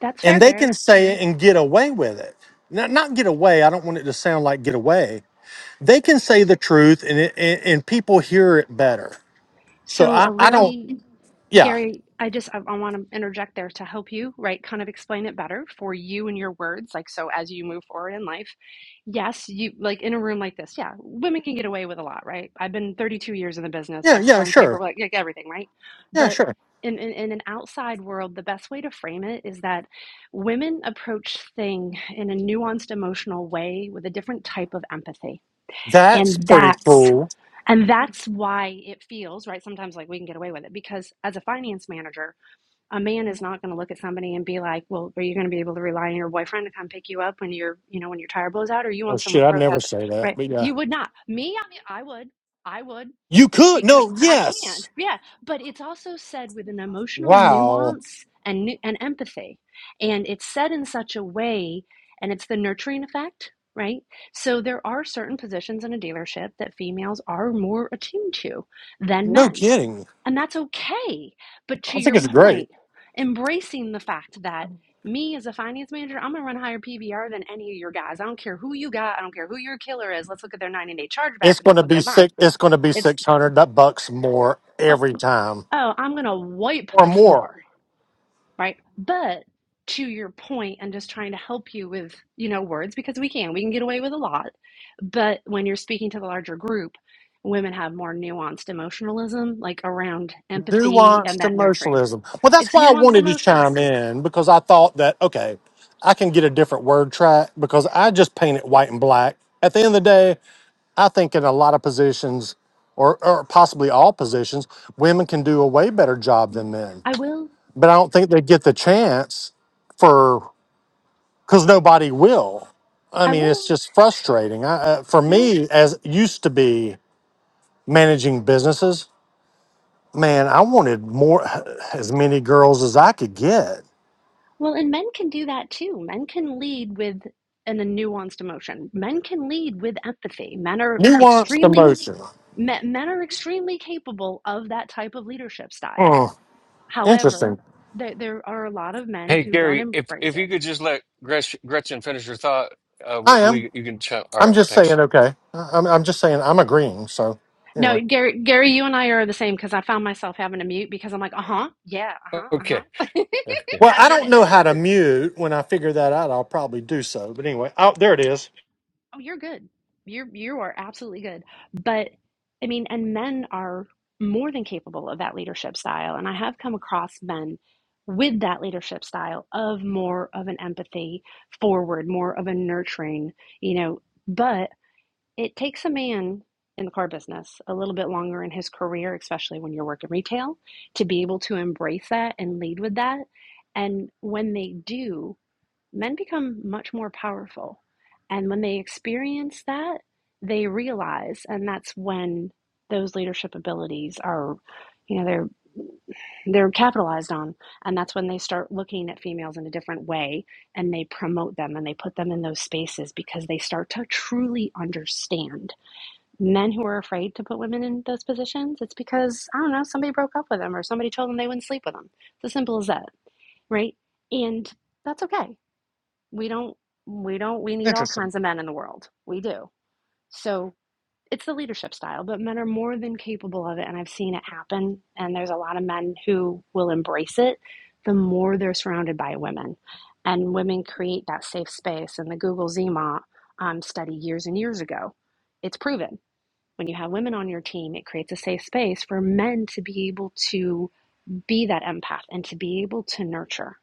Speaker 9: that's fair,
Speaker 11: And they can
Speaker 9: Gary.
Speaker 11: say it and get away with it. Not, not get away. I don't want it to sound like get away. They can say the truth and, it, and, and people hear it better. So
Speaker 9: So
Speaker 11: I,
Speaker 9: a
Speaker 11: I don't.
Speaker 9: really
Speaker 11: Yeah.
Speaker 9: Gary, I just I, I want to interject there to help you, right? Kind of explain it better for you and your words. Like so, as you move forward in life, yes, you like in a room like this, yeah, women can get away with a lot, right? I've been 32 years in the business.
Speaker 11: Yeah,
Speaker 9: I've
Speaker 11: yeah,
Speaker 9: spun paper,
Speaker 11: sure.
Speaker 9: like, like everything, right?
Speaker 11: Yeah,
Speaker 9: But
Speaker 11: sure.
Speaker 9: in, in in an outside world, the best way to frame it is that women approach thing in a nuanced, emotional way with a different type of empathy,
Speaker 11: That's
Speaker 9: and
Speaker 11: pretty
Speaker 9: that's
Speaker 11: cool.
Speaker 9: and that's why it feels, right? Sometimes like we can get away with it because as a finance manager, a man is not going to look at somebody and be like, well, are you going to be able to rely on your boyfriend to come pick you up when you're, you know, when your tire blows out or you
Speaker 11: Oh
Speaker 9: on some
Speaker 11: shit, I'd
Speaker 9: road
Speaker 11: never
Speaker 9: hazard,
Speaker 11: say that.
Speaker 9: right?
Speaker 11: But yeah.
Speaker 9: You would not. Me, I mean, I would. I would
Speaker 11: You could
Speaker 9: because
Speaker 11: no,
Speaker 9: I can.
Speaker 11: yes.
Speaker 9: Yeah, but it's also said with an emotional
Speaker 11: Wow.
Speaker 9: nuance and and empathy, and it's said in such a way, and it's the nurturing effect, right? So there are certain positions in a dealership that females are more attuned to than
Speaker 11: No
Speaker 9: men,
Speaker 11: kidding.
Speaker 9: and that's okay. But to
Speaker 11: I think
Speaker 9: your
Speaker 11: it's great.
Speaker 9: point, embracing the fact that me as a finance manager, I'm gonna run higher PVR than any of your guys. I don't care who you got. I don't care who your killer is. Let's look at their 90 day chargeback
Speaker 11: It's
Speaker 9: and then
Speaker 11: gonna
Speaker 9: look
Speaker 11: be
Speaker 9: at
Speaker 11: six
Speaker 9: mine.
Speaker 11: it's gonna be
Speaker 9: It's
Speaker 11: six hundred bucks more
Speaker 9: oh
Speaker 11: every time.
Speaker 9: oh, I'm going to wipe
Speaker 11: Or
Speaker 9: the
Speaker 11: more.
Speaker 9: floor, right? But to your point, I'm just trying to help you with, you know, words because we can. We can get away with a lot. But when you're speaking to the larger group, women have more nuanced emotionalism, like around empathy and
Speaker 11: Nuanced
Speaker 9: that nurturing.
Speaker 11: emotionalism. Well that's
Speaker 9: It's
Speaker 11: why I
Speaker 9: nuanced
Speaker 11: wanted to
Speaker 9: emotions.
Speaker 11: chime in because I thought that okay, I can get a different word track because I just paint it white and black. At the end of the day, I think in a lot of positions, or, or possibly all positions, women can do a way better job than men.
Speaker 9: I will,
Speaker 11: But I don't think they get the chance for because nobody will. I
Speaker 9: I
Speaker 11: mean, it's
Speaker 9: will.
Speaker 11: just frustrating. I, uh, for
Speaker 9: Yeah.
Speaker 11: me, as used to be managing businesses, man, I wanted more, as many girls as I could get.
Speaker 9: Well, and men can do that too. Men can lead with an, a nuanced emotion. Men can lead with empathy. Men are
Speaker 11: Nuanced
Speaker 9: extremely
Speaker 11: emotion.
Speaker 9: men, men are extremely capable of that type of leadership style.
Speaker 11: Mm, interesting.
Speaker 9: However, there, there are a lot of men
Speaker 1: Hey,
Speaker 9: who don't
Speaker 1: Gary, if
Speaker 9: embrace
Speaker 1: if
Speaker 9: it.
Speaker 1: you could just let Gretch, Gretchen finish her thought, uh, we
Speaker 11: I am.
Speaker 1: we- you can chat. All
Speaker 11: I'm
Speaker 1: right,
Speaker 11: just
Speaker 1: thanks.
Speaker 11: saying. Okay. I- I'm. I'm just saying. I'm agreeing. So
Speaker 9: No,
Speaker 11: anyway.
Speaker 9: Gary, Gary, you and I are the same because I found myself having to mute because I'm like, uh huh, yeah, uh huh, uh
Speaker 1: Okay,
Speaker 9: huh.
Speaker 1: okay,
Speaker 11: Well,
Speaker 9: I
Speaker 11: I
Speaker 9: get
Speaker 11: don't
Speaker 9: it.
Speaker 11: know how to mute. When I figure that out, I'll probably do so. But anyway, oh, there it is.
Speaker 9: Oh, you're good. You're you are absolutely good. But I mean, and men are more than capable of that leadership style. And I have come across men with that leadership style of more of an empathy forward, more of a nurturing, you know, but it takes a man in the car business a little bit longer in his career, especially when you're working retail, to be able to embrace that and lead with that. And when they do, men become much more powerful. And when they experience that, they realize, and that's when those leadership abilities are, you know, they're they're capitalized on and that's when they start looking at females in a different way and they promote them and they put them in those spaces because they start to truly understand men who are afraid to put women in those positions it's because i don't know somebody broke up with them or somebody told them they wouldn't sleep with them it's as simple as that right and that's okay we don't, we don't, we need all kinds of men in the world. We do. So it's the leadership style, but men are more than capable of it. And I've seen it happen. And there's a lot of men who will embrace it the more they're surrounded by women. And women create that safe space. And the Google Zima um, study years and years ago, it's proven. When you have women on your team, it creates a safe space for men to be able to be that empath and to be able to nurture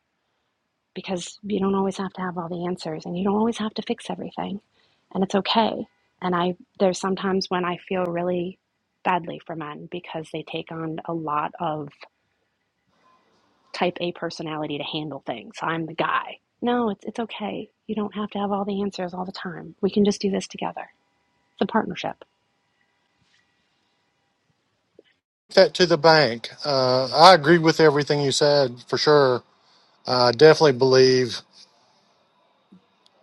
Speaker 9: because you don't always have to have all the answers and you don't always have to fix everything and it's okay and i there's sometimes when i feel really badly for men because they take on a lot of type a personality to handle things i'm the guy no it's, it's okay you don't have to have all the answers all the time we can just do this together it's a partnership
Speaker 11: That to the bank. Uh, I agree with everything you said for sure. I definitely believe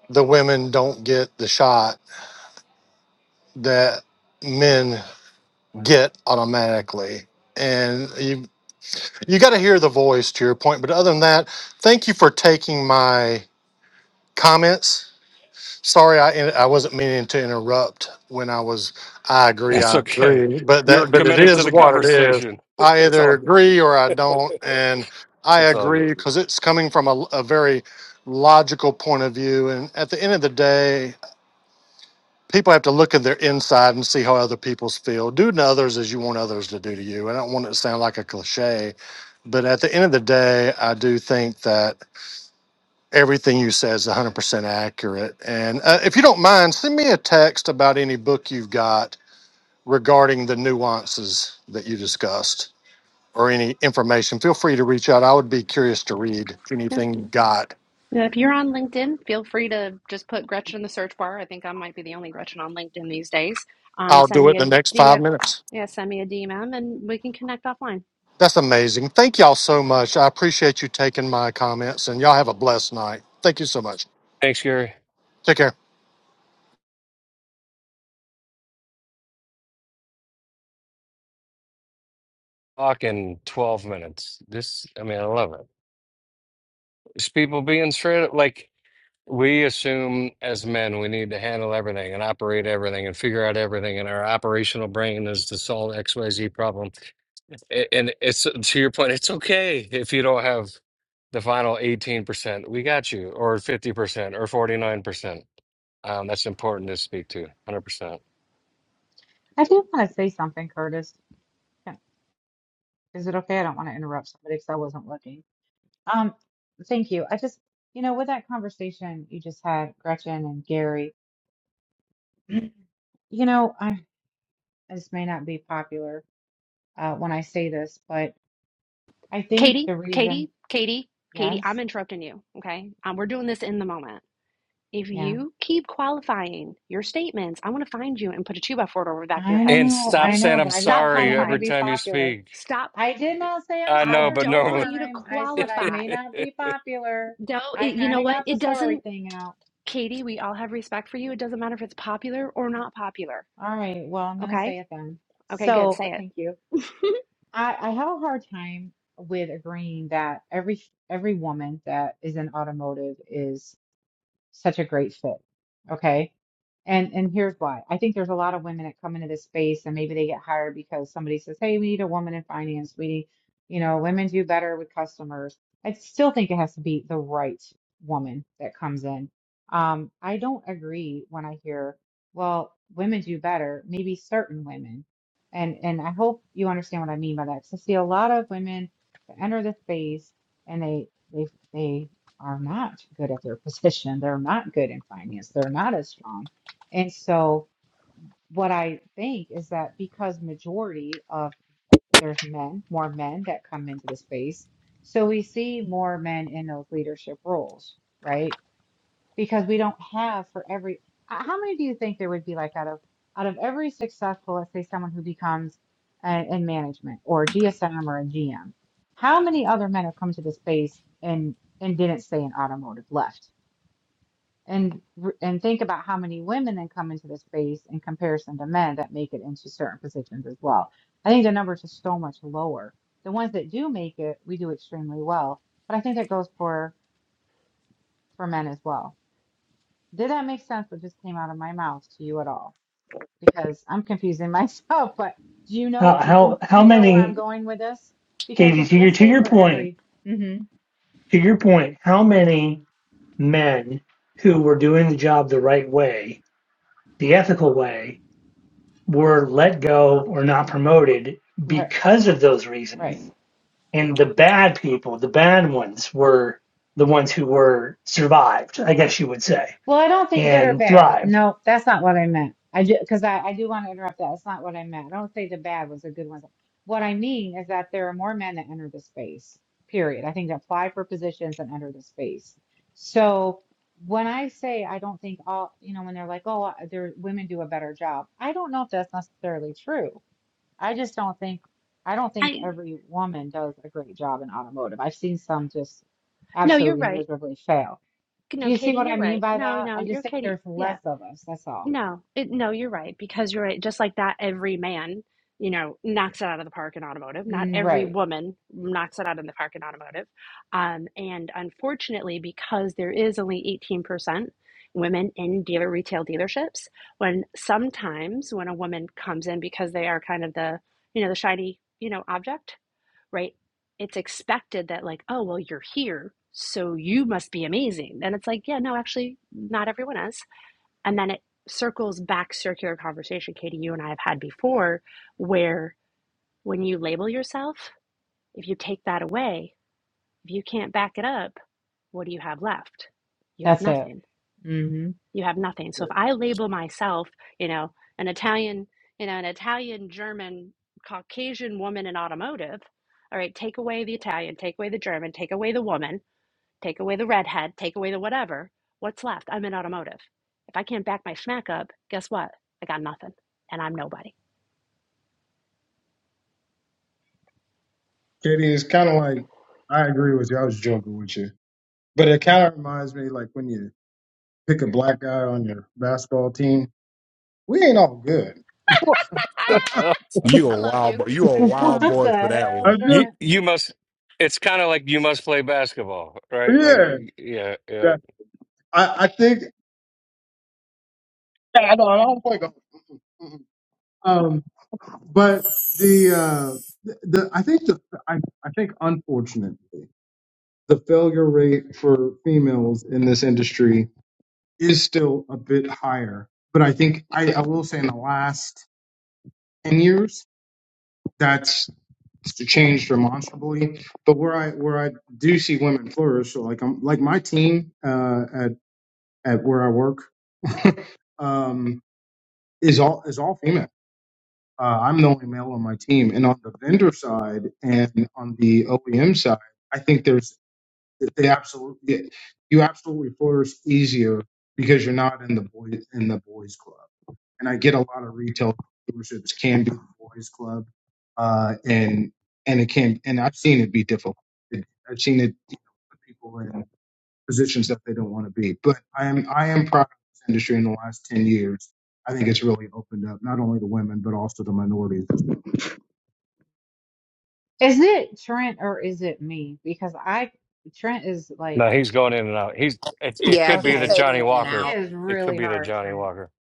Speaker 11: the women don't get the shot that men get automatically. And you you got to hear the voice to your point. But other than that, thank you for taking my comments Sorry, I I wasn't meaning to interrupt when I was. I agree,
Speaker 1: that's
Speaker 11: I
Speaker 1: okay.
Speaker 11: agree, but
Speaker 1: You're
Speaker 11: that but it
Speaker 1: committed to
Speaker 11: is
Speaker 1: the
Speaker 11: what it is.
Speaker 1: conversation.
Speaker 11: I
Speaker 1: It's
Speaker 11: either
Speaker 1: all good.
Speaker 11: agree or I don't, and I
Speaker 1: It's all
Speaker 11: agree
Speaker 1: good.
Speaker 11: because it's coming from a, a very logical point of view. And at the end of the day, people have to look at their inside and see how other people's feel. Do to others as you want others to do to you. I don't want it to sound like a cliche, but at the end of the day, I do think that everything you said is 100% accurate. And uh, if you don't mind, send me a text about any book you've got regarding the nuances that you discussed or any information. Feel free to reach out. I would be curious to read anything you got.
Speaker 9: Yeah, If you're on LinkedIn, feel free to just put Gretchen in the search bar. I think I might be the only Gretchen on LinkedIn these days. Um,
Speaker 11: I'll
Speaker 9: send
Speaker 11: do
Speaker 9: me
Speaker 11: it
Speaker 9: a
Speaker 11: in the next five
Speaker 9: DM.
Speaker 11: minutes.
Speaker 9: Yeah, send me a DM and we can connect offline.
Speaker 11: That's amazing. Thank y'all so much. I appreciate you taking my comments, and y'all have a blessed night. Thank you so much.
Speaker 1: Thanks, Gary.
Speaker 11: Take care.
Speaker 1: Talk in twelve minutes. This, I mean, I love it. It's people being straight up. Like We assume as men we need to handle everything and operate everything and figure out everything, and our operational brain is to solve XYZ problem. A- And it's to your point, it's okay if you don't have the final 18%. We got you, or 50%, or 49%. Um, that's important to speak to, 100%.
Speaker 2: I do want to say something, Curtis. Can- Is it okay? I don't want to interrupt somebody because I wasn't looking. Um, thank you. I just, you know, with that conversation you just had, Gretchen and Gary, you know, I this may not be popular uh, when I say this, but I think
Speaker 9: Katie,
Speaker 2: the reason,
Speaker 9: Katie, Katie, Katie, I'm
Speaker 2: yes,
Speaker 9: interrupting you. Okay. Um, we're doing this in the moment. If
Speaker 2: yeah,
Speaker 9: you keep qualifying your statements, I'm going to find you and put a two by four over the back of your
Speaker 2: I
Speaker 9: head.
Speaker 1: And
Speaker 2: know,
Speaker 1: stop
Speaker 2: I
Speaker 9: Okay.
Speaker 2: know,
Speaker 1: saying
Speaker 2: but
Speaker 1: I'm
Speaker 2: I just
Speaker 9: Stop
Speaker 2: don't think
Speaker 1: sorry
Speaker 2: I'm going to
Speaker 1: every
Speaker 9: qualifying.
Speaker 2: be
Speaker 1: time you
Speaker 2: popular.
Speaker 1: speak.
Speaker 9: Stop.
Speaker 2: I did not say I'm
Speaker 1: I
Speaker 9: I
Speaker 1: know, but
Speaker 2: sorry
Speaker 9: don't
Speaker 2: this
Speaker 1: normally.
Speaker 9: want you to
Speaker 2: time. I said I
Speaker 9: qualify.
Speaker 2: may not be popular.
Speaker 9: No,
Speaker 2: I
Speaker 9: it, you
Speaker 2: kind
Speaker 9: know
Speaker 2: of
Speaker 9: what?
Speaker 2: got the
Speaker 9: It doesn't.
Speaker 2: sorry thing out.
Speaker 9: Katie, we all have respect for you. It doesn't matter if it's popular or not popular.
Speaker 2: All right. Well, I'm going to
Speaker 9: Okay?
Speaker 2: say it then.
Speaker 9: Okay, good.
Speaker 2: So, but
Speaker 9: Say
Speaker 2: thank
Speaker 9: it.
Speaker 2: you. I, I have a hard time with agreeing that every every woman that is in automotive such a great fit. Okay. And and here's why. I think there's a lot of women that come into this space and maybe they get hired because somebody says, "Hey, we need a woman in finance. We need, you know, women do better with customers." I still think it has to be the right woman that comes in. Um, I don't agree when I hear, "Well, women do better." Maybe certain women, and and I hope you understand what I mean by that because I see a lot of women that enter the space and they they they are not good at their position. They're not good in finance. They're not as strong. And so, what I think is that because majority of there's men, more men that come into the space, so we see more men in those leadership roles, right? Because we don't have for every h- how many do you think there would be like out of out of every successful, let's say someone who becomes a, in management or GSM or a G M? how many other men have come to the space and and didn't stay in automotive left? and r- and think about how many women then come into the space in comparison to men that make it into certain positions as well. I think the numbers are so much lower. The ones that do make it, we do extremely well. But I think that goes for for men as well. Did that make sense? What just came out of my mouth to you at all? Because I'm confusing myself. But do you know you
Speaker 5: how
Speaker 2: do
Speaker 5: how
Speaker 2: you know where I'm
Speaker 5: many,
Speaker 2: going with this? Because
Speaker 5: Katie?
Speaker 2: if
Speaker 5: To your
Speaker 2: let's
Speaker 5: to
Speaker 2: say
Speaker 5: your
Speaker 2: for
Speaker 5: point,
Speaker 2: every hmm
Speaker 5: to your point, how many men who were doing the job the right way, the ethical way, were let go or not promoted
Speaker 2: right
Speaker 5: because of those
Speaker 2: right
Speaker 5: reasons, and the bad people, the bad ones, were the ones who were survived. I guess you would say.
Speaker 2: Well, I don't think good or
Speaker 5: and
Speaker 2: bad.
Speaker 5: thrived.
Speaker 2: No, that's not what I meant. I do because I, I do want to interrupt that. That's not what I meant. I don't say the bad was a good one. What I mean is that there are more men that enter the space, period. I think that apply for positions and enter the space. So when I say I don't think all, you know, when they're like, oh, uh, there women do a better job, I don't know if that's necessarily true. I just don't think I don't think
Speaker 9: I
Speaker 2: every woman does a great job in automotive. I've seen some just
Speaker 9: No, you're
Speaker 2: absolutely
Speaker 9: right.
Speaker 2: miserably fail. Do
Speaker 9: No,
Speaker 2: you see
Speaker 9: Katie,
Speaker 2: what I
Speaker 9: you're
Speaker 2: mean
Speaker 9: right.
Speaker 2: by
Speaker 9: No,
Speaker 2: that?
Speaker 9: no,
Speaker 2: I just
Speaker 9: you're
Speaker 2: think
Speaker 9: Katie.
Speaker 2: there's
Speaker 9: Yeah.
Speaker 2: less of us. That's all.
Speaker 9: No, it, no, you're right because you're right. Just like that, every man, you know, knocks it out of the park in automotive. Not
Speaker 2: Mm,
Speaker 9: every
Speaker 2: right.
Speaker 9: woman knocks it out in the park in automotive. Um, and unfortunately, because there is only 18% women in dealer retail dealerships, when sometimes when a woman comes in because they are kind of the, you know, the shiny, you know, object, right? It's expected that like, oh, well, you're here, so you must be amazing. And it's like, yeah, no, actually, not everyone is and then it circles back circular conversation, Katie, you and I have had before, where when you label yourself, if you take that away, if you can't back it up, what do you have left? You have
Speaker 2: That's it.
Speaker 9: nothing.
Speaker 2: hmm
Speaker 9: You have nothing. So if I label myself, you know, an Italian, you know, an Italian, German, Caucasian woman in automotive, all right, take away the Italian, take away the German, take away the woman Take away the redhead, take away the whatever. What's left? I'm in automotive. If I can't back my schmack up, guess what? I got nothing and I'm nobody.
Speaker 12: Katie, it's kind of like I agree with you. I was joking with you, but it kind of reminds me like when you pick a black guy on your basketball team. We ain't all good.
Speaker 1: What the
Speaker 9: Ah,
Speaker 12: I
Speaker 1: hell?
Speaker 8: You a
Speaker 9: I love
Speaker 8: wild
Speaker 9: you.
Speaker 8: boy. You a
Speaker 2: What
Speaker 8: wild
Speaker 2: the
Speaker 8: boy for that
Speaker 2: hell,
Speaker 12: just
Speaker 1: You
Speaker 2: Trent?
Speaker 1: you must. It's kind of like you must play basketball, right? Like
Speaker 12: yeah.
Speaker 1: y- yeah, yeah.
Speaker 12: yeah. I I think yeah, I don't I don't play golf. Mhm. Um, but the uh the, the I think the I I think unfortunately the failure rate for females in this industry is still a bit higher. But I think I, I will say in the last ten years that's changed demonstrably. But where I where I do see women flourish, so like I'm like my team uh, at at where I work um, is all is all female. Uh, I'm the only male on my team, and on the vendor side and on the OEM side, I think there's they absolutely you absolutely flourish easier because you're not in the boys in the boys club. and I get a lot of retail dealerships can do a boys club, uh, and and it can and I've seen it be difficult. It, I've seen it you know, put people in positions that they don't want to be. But I am I am proud of this industry in the last ten years. I think it's really opened up not only to women but also to minorities.
Speaker 2: Is it Trent or is it me? Because I, Trent is like,
Speaker 1: No, he's going in and out. He's it. It
Speaker 13: Yeah,
Speaker 1: could be
Speaker 13: he's
Speaker 1: the
Speaker 2: okay,
Speaker 13: fading
Speaker 1: Johnny
Speaker 13: in and
Speaker 1: Walker.
Speaker 2: it
Speaker 13: out.
Speaker 2: is
Speaker 1: It could
Speaker 2: really
Speaker 1: be the
Speaker 2: hard,
Speaker 1: Johnny
Speaker 2: Trent.
Speaker 1: Walker.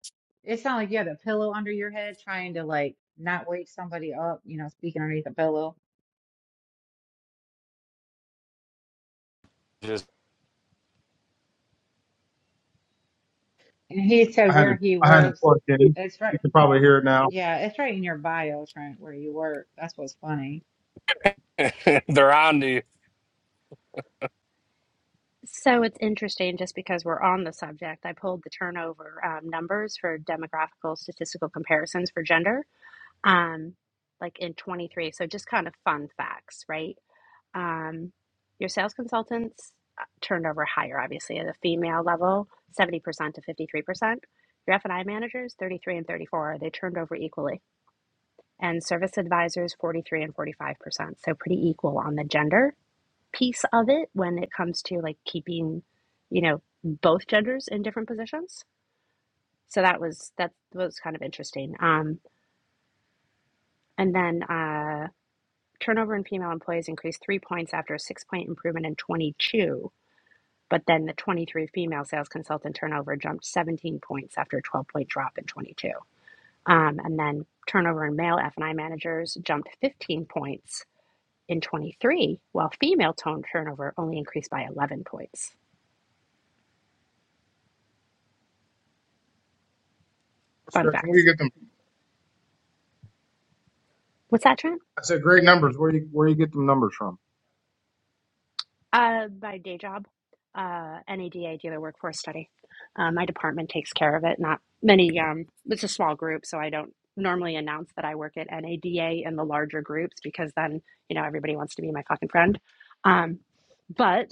Speaker 2: It's not like you have a pillow under your head trying to like not wake somebody up, you know, speaking underneath the pillow.
Speaker 1: Just
Speaker 2: And he
Speaker 12: I
Speaker 2: said
Speaker 12: had
Speaker 2: where
Speaker 12: it
Speaker 2: he
Speaker 12: I had a
Speaker 2: works.
Speaker 12: plug in.
Speaker 2: It's right.
Speaker 12: You can probably hear it now.
Speaker 2: Yeah, it's right in your bio, Trent, where you work. That's what's funny.
Speaker 1: they're on to you.
Speaker 9: So it's interesting just because we're on the subject. I pulled the turnover um, numbers for demographical statistical comparisons for gender, um, like in 23. So just kind of fun facts, right? Um, your sales consultants uh, turned over higher, obviously, at a female level, 70% to 53%. Your F&I managers, 33 and 34, they turned over equally. And service advisors, 43 and 45%. So pretty equal on the gender piece of it when it comes to like keeping, you know, both genders in different positions. So that was that was kind of interesting. Um, and then uh, turnover in female employees increased three points after a six point improvement in 22 But then the 23 female sales consultant turnover jumped 17 points after a 12 point drop in 22. Um, and then turnover in male F&I managers jumped 15 points in 23, while female tone turnover only increased by 11 points. Fun
Speaker 12: Gretchen, where you
Speaker 9: facts.
Speaker 12: get them?
Speaker 9: What's that, Trent?
Speaker 12: I said great numbers. Where you where you get them numbers from?
Speaker 9: Uh, my day job, uh, NADA dealer workforce study. Uh, my department takes care of it. Not many. Um, it's a small group, so I don't normally announce that I work at NADA in the larger groups because then you know everybody wants to be my fucking friend. Um, but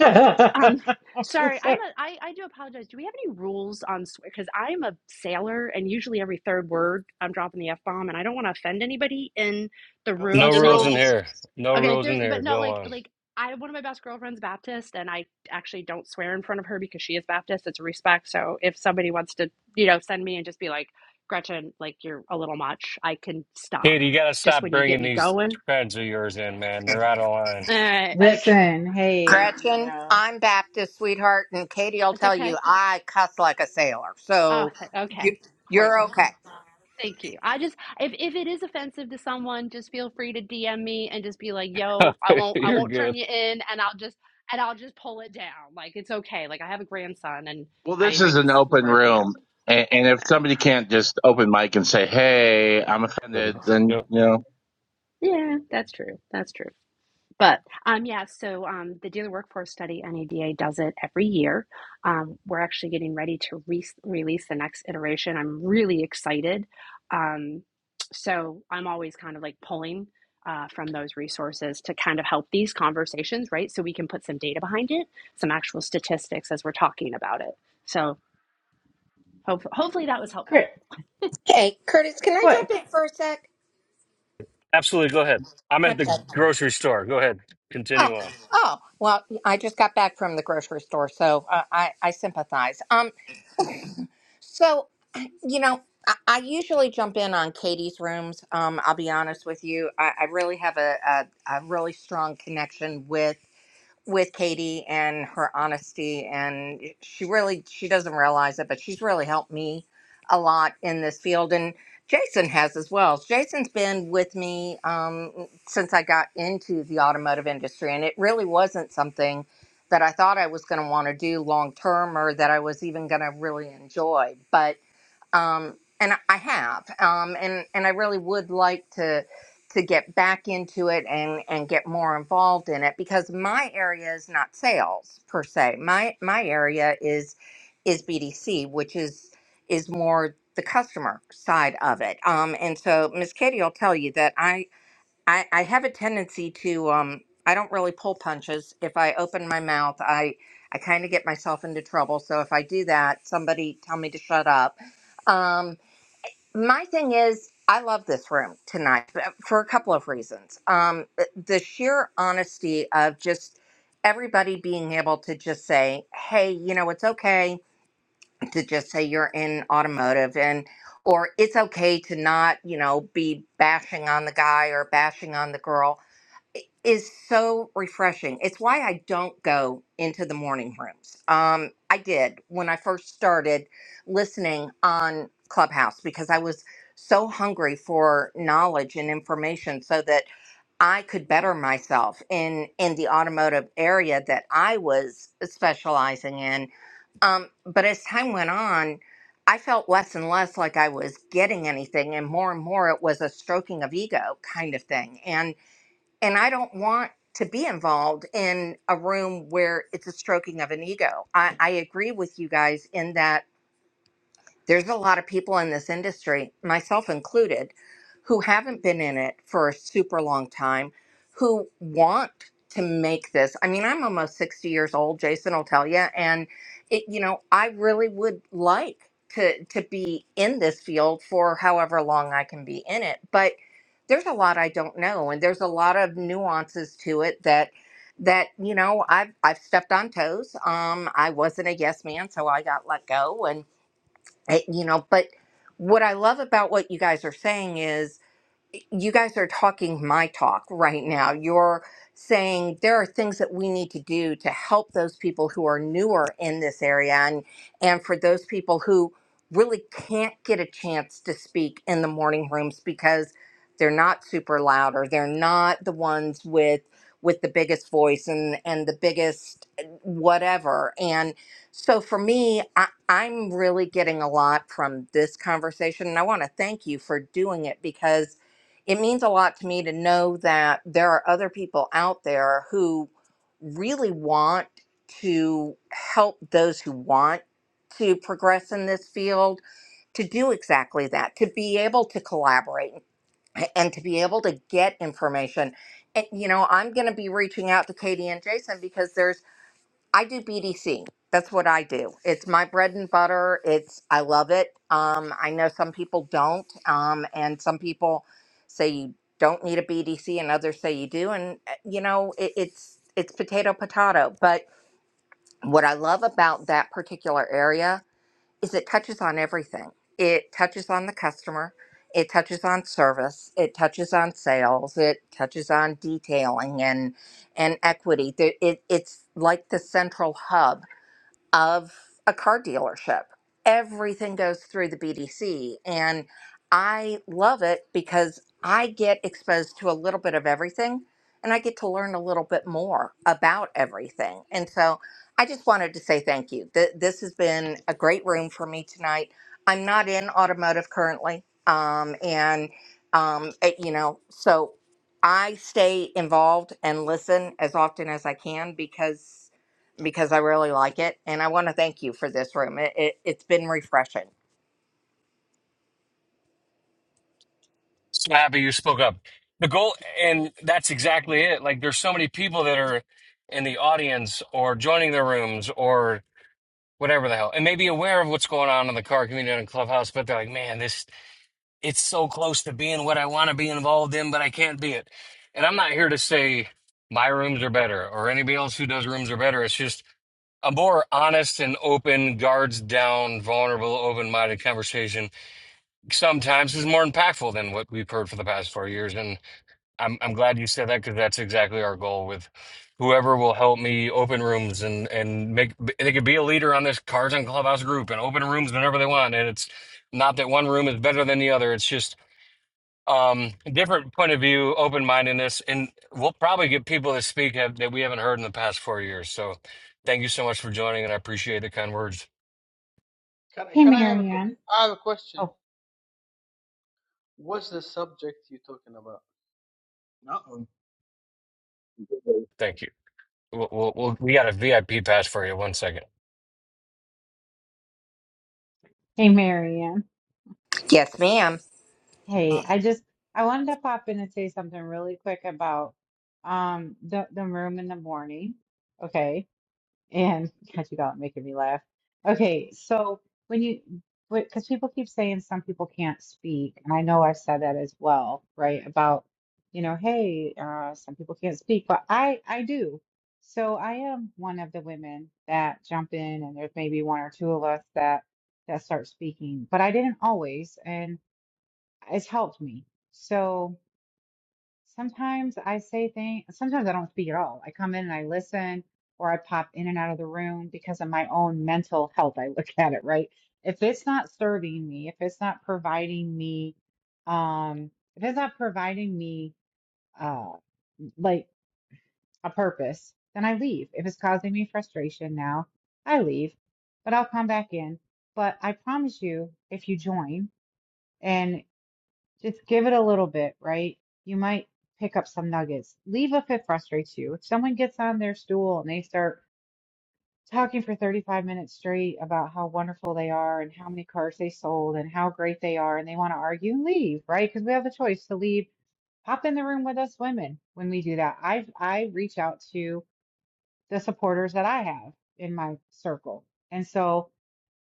Speaker 9: um,
Speaker 2: I'm
Speaker 9: sorry,
Speaker 2: just
Speaker 9: I'm
Speaker 2: like,
Speaker 9: a. I, I do apologize. Do we have any rules on swear? Because I'm a sailor, and usually every third word I'm dropping the f bomb, and I don't want to offend anybody in the
Speaker 7: No
Speaker 9: room.
Speaker 1: No
Speaker 7: fucking
Speaker 9: So
Speaker 1: rules in
Speaker 7: rules.
Speaker 1: here. No
Speaker 9: Okay, if
Speaker 1: rules in
Speaker 9: there's
Speaker 1: here.
Speaker 9: but no, like
Speaker 1: Go
Speaker 9: like I one of my best girlfriends Baptist and I actually don't swear in front of her because she is Baptist. It's a respect. So if somebody wants to, you know, send me and just be like, Gretchen, like you're a little much, I can
Speaker 1: Kid,
Speaker 9: stop.
Speaker 1: you gotta
Speaker 9: Just
Speaker 1: stop
Speaker 9: when you get
Speaker 1: bringing
Speaker 9: me
Speaker 1: these
Speaker 9: going.
Speaker 1: friends of yours in, man. They're out of
Speaker 9: All right, like
Speaker 2: Listen, hey, you
Speaker 13: Gretchen,
Speaker 2: know,
Speaker 13: I'm Baptist, sweetheart, and Katie will
Speaker 9: it's
Speaker 13: tell
Speaker 9: okay.
Speaker 13: you I cuss like a sailor.
Speaker 9: Oh,
Speaker 13: So
Speaker 9: th-
Speaker 13: you,
Speaker 9: okay. Great.
Speaker 13: you're okay.
Speaker 9: Thank you. I just if if it is offensive to someone, just feel free to DM me and just be like, "Yo, I
Speaker 1: line.
Speaker 9: won't I
Speaker 1: You're
Speaker 9: won't turn
Speaker 1: good.
Speaker 9: you in and I'll just and I'll just pull it down. Like it's okay. Like I have a grandson and
Speaker 7: Well,
Speaker 9: I
Speaker 7: this is
Speaker 9: even
Speaker 7: an open
Speaker 9: swear from him.
Speaker 7: room, and, and if
Speaker 9: Yeah,
Speaker 7: somebody can't just open mic and say, "Hey, I'm offended," then
Speaker 1: Yep.
Speaker 7: you know.
Speaker 9: Yeah, that's true. That's true. But um, yeah, so um, the Dealer Workforce Study NADA does it every year. Um, we're actually getting ready to re- release the next iteration. I'm really excited. Um, so I'm always kind of like pulling uh, from those resources to kind of help these conversations, right? So we can put some data behind it, some actual statistics as we're talking about it. So hope- hopefully that was helpful.
Speaker 2: quick,
Speaker 13: Hey, Curtis, can I jump
Speaker 2: quick.
Speaker 13: in for a sec?
Speaker 1: Absolutely. Go ahead. I'm at
Speaker 13: Okay.
Speaker 1: the grocery store. Go ahead.
Speaker 13: Oh,
Speaker 1: Continue on.
Speaker 13: oh. Well, I just got back from the grocery store, so uh, I I sympathize. Um, so you know, I, I usually jump in on Katie's rooms. Um, I'll be honest with you, I, I really have a, a a really strong connection with. with Katie and her honesty and she really she doesn't realize it but she's really helped me a lot in this field and Jason has as well. Jason's been with me um, since I got into the automotive industry and it really wasn't something that I thought I was going to want to do long term or that I was even going to really enjoy. But um, and I I have, um, and and I really would like to to get back into it and and get more involved in it because my area is not sales per se. My my area is is BDC, which is is more the customer side of it. Um, and so Miss Katie will tell you that I. I, I have a tendency to um I don't really pull punches. If I open my mouth, I I kind of get myself into trouble. So if I do that, somebody tell me to shut up. Um my thing is I love this room tonight uh, for a couple of reasons. Um th- the sheer honesty of just everybody being able to just say, "Hey, you know, it's okay to just say you're in automotive and or it's okay to not, you know, be bashing on the guy or bashing on the girl is so refreshing. It's why I don't go into the morning rooms. Um, I did when I first started listening on Clubhouse because I was so hungry for knowledge and information so that I could better myself in in the automotive area that I was specializing in. Um, but as time went on, I felt less and less like I was getting anything, and more and more it was a stroking of ego kind of thing. And and I don't want to be involved in a room where it's a stroking of an ego. I, I agree with you guys in that there's a lot of people in this industry, myself included, who haven't been in it for a super long time, who want to make this. I mean, I'm almost 60 years old, Jason will tell you, and it you know, I really would like to to be in this field for however long I can be in it, but there's a lot I don't know and there's a lot of nuances to it that that you know I've I've stepped on toes. Um, I wasn't a yes man, so I got let go, and it- you know but what i love about what you guys are saying is you guys are talking my talk right now. You're saying there are things that we need to do to help those people who are newer in this area and and for those people who really can't get a chance to speak in the morning rooms because they're not super loud or they're not the ones with with the biggest voice and and the biggest eh, whatever and so for me I, i'm really getting a lot from this conversation and i want to thank you for doing it because it means a lot to me to know that there are other people out there who really want to help those who want to progress in this field to do exactly that, to be able to collaborate and to be able to get information. And, you know, I'm going to be reaching out to Katie and Jason because there's I do BDC. That's what I do. It's my bread and butter. It's I love it. Um, I know some people don't, um, and some people say you don't need a BDC, and others say you do. And uh, you know, it, it's it's potato potato. But what I love about that particular area is it touches on everything. It touches on the customer. It touches on service. It touches on sales. It touches on detailing and and equity. There- It, it's like the central hub of a car dealership. Everything goes through the BDC. And I love it because I get exposed to a little bit of everything and I get to learn a little bit more about everything. And so I just wanted to say thank you. Th- This has been a great room for me tonight. I'm not in automotive currently. Um, and, um, it- you know, so I stay involved and listen as often as I can because because I really like it, and I want to thank you for this room. It, it, it's been refreshing.
Speaker 1: So happy you spoke up. The goal, and that's exactly it. Like, there's so many people that are in the audience or joining the rooms or whatever the hell, and maybe aware of what's going on in the car community and clubhouse, but they're like, man, this it's so close to being what I want to be involved in, but I can't be it. And I'm not here to say my rooms are better or anybody else who does rooms are better. It's just a more honest and open, guards down, vulnerable, open minded conversation sometimes is more impactful than what we've heard for the past four years. And I'm, I'm glad you said that because that's exactly our goal with whoever will help me open rooms and, and make, they could be a leader on this cards and Clubhouse group and open rooms whenever they want. And it's not that one room is better than the other. It's just, um different point of view open-mindedness and we'll probably get people that speak have, that we haven't heard in the past four years so thank you so much for joining and i appreciate the kind words
Speaker 14: Can I-
Speaker 2: Hey,
Speaker 14: can I have a? I
Speaker 2: Marianne.
Speaker 14: have a question.
Speaker 2: Oh,
Speaker 14: What's the subject you're talking about?
Speaker 12: Uh-oh.
Speaker 1: thank you we'll, we'll, we'll we got a vip pass for you one second
Speaker 2: hey, Marianne.
Speaker 13: Yes, ma'am.
Speaker 2: Hey, I just I wanted to pop in and say something really quick about um the the room in the morning. Okay. And God, you got making me laugh. Okay, so when you, because people keep saying some people can't speak, and I know I've said that as well, right? About, you know, hey, uh, some people can't speak, but I, I do. So I am one of the women that jump in, and there's maybe one or two of us that that start speaking, but I didn't always, and it's helped me. So. Sometimes I say things, sometimes I don't speak at all. I come in and I listen, or I pop in and out of the room because of my own mental health. I look at it, right? If it's not serving me, if it's not providing me, um, if it's not providing me, uh, like a purpose, then I leave. If it's causing me frustration now, I leave, but I'll come back in. But I promise you, if you join, and just give it a little bit, right? You might pick up some nuggets. Leave if it frustrates you. If someone gets on their stool and they start talking for 35 minutes straight about how wonderful they are and how many cars they sold and how great they are and they want to argue, leave, right? Because we have the choice to leave. Hop in the room with us women when we do that. I I reach out to the supporters that I have in my circle. And so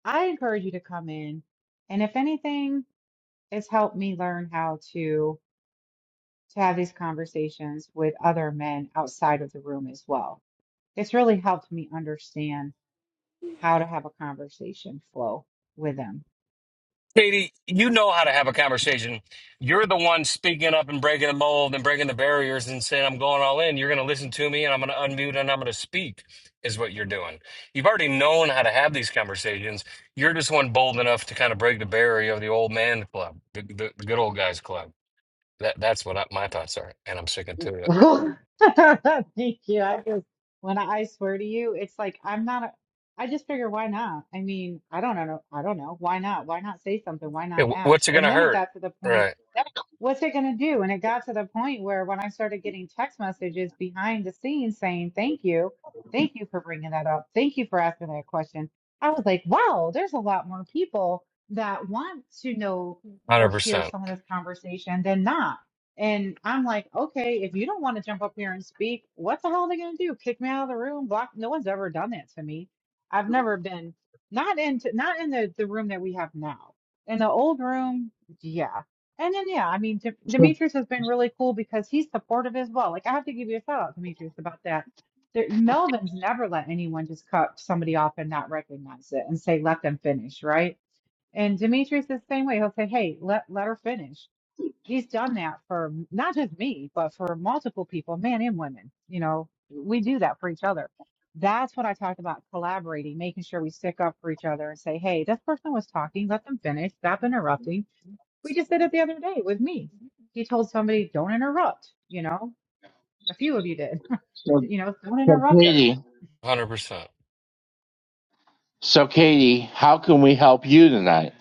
Speaker 2: I encourage you to come in. And if anything, it's helped me learn how to to have these conversations with other men outside of the room as well. It's really helped me understand how to have a conversation flow with them.
Speaker 1: Katie, you know how to have a conversation. You're the one speaking up and breaking the mold and breaking the barriers and saying, I'm going all in. You're going to listen to me and I'm going to unmute and I'm going to speak, is what you're doing. You've already known how to have these conversations. You're just one bold enough to kind of break the barrier of the old man club, the, the, the good old guys club. That, that's what I, my thoughts are. And I'm sticking to it.
Speaker 2: Thank you. I just when I, I swear to you, it's like I'm not a, I just figure why not? I mean, I don't know. I don't know. Why not? Why not say something? Why
Speaker 1: Hey,
Speaker 2: not
Speaker 1: wh-
Speaker 2: ask?
Speaker 1: what's it going
Speaker 2: And
Speaker 1: to
Speaker 2: then it
Speaker 1: hurt?
Speaker 2: got to the point
Speaker 1: Right.
Speaker 2: what's it going to do? And it got to the point where when I started getting text messages behind the scenes saying, thank you, thank you for bringing that up. Thank you for asking that question. I was like, wow, there's a lot more people that want to know or hear
Speaker 1: 100%.
Speaker 2: some of this conversation than not. And I'm like, okay, if you don't want to jump up here and speak, what the hell are they going to do? Kick me out of the room? Block? No one's ever done that to me. I've never been not into not in the the room that we have now. In the old room, yeah. And then, yeah, I mean, De-
Speaker 7: So,
Speaker 2: Demetrius has been really cool because he's supportive as well. Like, I have to give you a shout out, Demetrius, about that. There, Melvin's never let anyone just cut somebody off and not recognize it and say, let them finish, right? And Demetrius is the same way. He'll say, hey, let, let her finish. He's done that for m- not just me, but for multiple people, men and women. You know, we do that for each other. That's what I talked about collaborating, making sure we stick up for each other and say, hey, this person was talking, let them finish, stop interrupting we just did it the other day with me. He told somebody, don't interrupt. You know, a few of you did,
Speaker 7: so,
Speaker 2: you know, don't
Speaker 7: so
Speaker 2: interrupt her.
Speaker 7: Katie,
Speaker 1: 100%.
Speaker 7: so Katie, how can we help you tonight?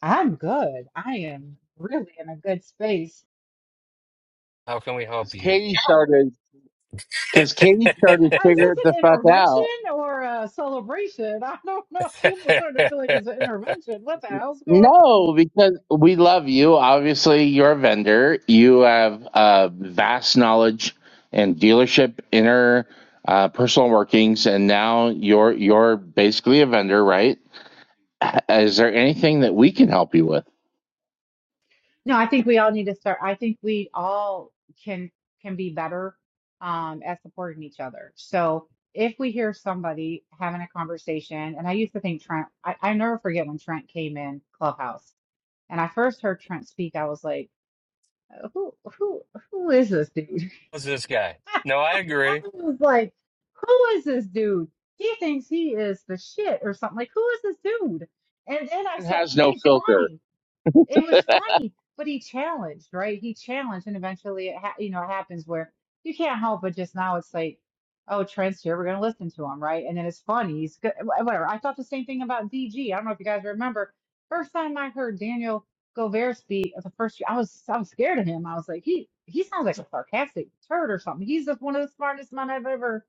Speaker 2: I'm good. I am really in a good space.
Speaker 1: How can we
Speaker 7: Because
Speaker 1: help you?
Speaker 7: Katie started. Because Katie started
Speaker 2: Is this
Speaker 7: figuring the
Speaker 2: an
Speaker 7: fuck
Speaker 2: intervention
Speaker 7: out
Speaker 2: or a celebration? I don't know. People starting to feel like it's an intervention. What the hell's going on?
Speaker 7: No, because we love you. Obviously, you're a vendor. You have uh, vast knowledge and dealership inner uh, personal workings, and now you're you're basically a vendor, right? H- Is there anything that we can help you with?
Speaker 2: No, I think we all need to start. I think we all can can be better um, at supporting each other. So if we hear somebody having a conversation, and I used to think Trent, I, I never forget when Trent came in Clubhouse, and I first heard Trent speak, I was like, "Uh, who who who is this dude?
Speaker 1: What's this guy? No, I
Speaker 2: I
Speaker 1: agree.
Speaker 2: was like, who is this dude? He thinks he is the shit or something. Like, who is this dude? And then I
Speaker 7: It
Speaker 2: start.
Speaker 7: has no
Speaker 2: It's
Speaker 7: filter.
Speaker 2: funny it was funny, but he challenged, right? He challenged, and eventually, it ha- you know, it happens where you can't help but just now it's like, oh, Trent's here, we're gonna listen to him, right? And then it's funny, he's good, wh- whatever. I thought the same thing about DG. I don't know if you guys remember, first time I heard Daniel Gover speak, the first I was I was scared of him. I was like, he he sounds like a sarcastic turd or something. He's just one of the smartest men I've ever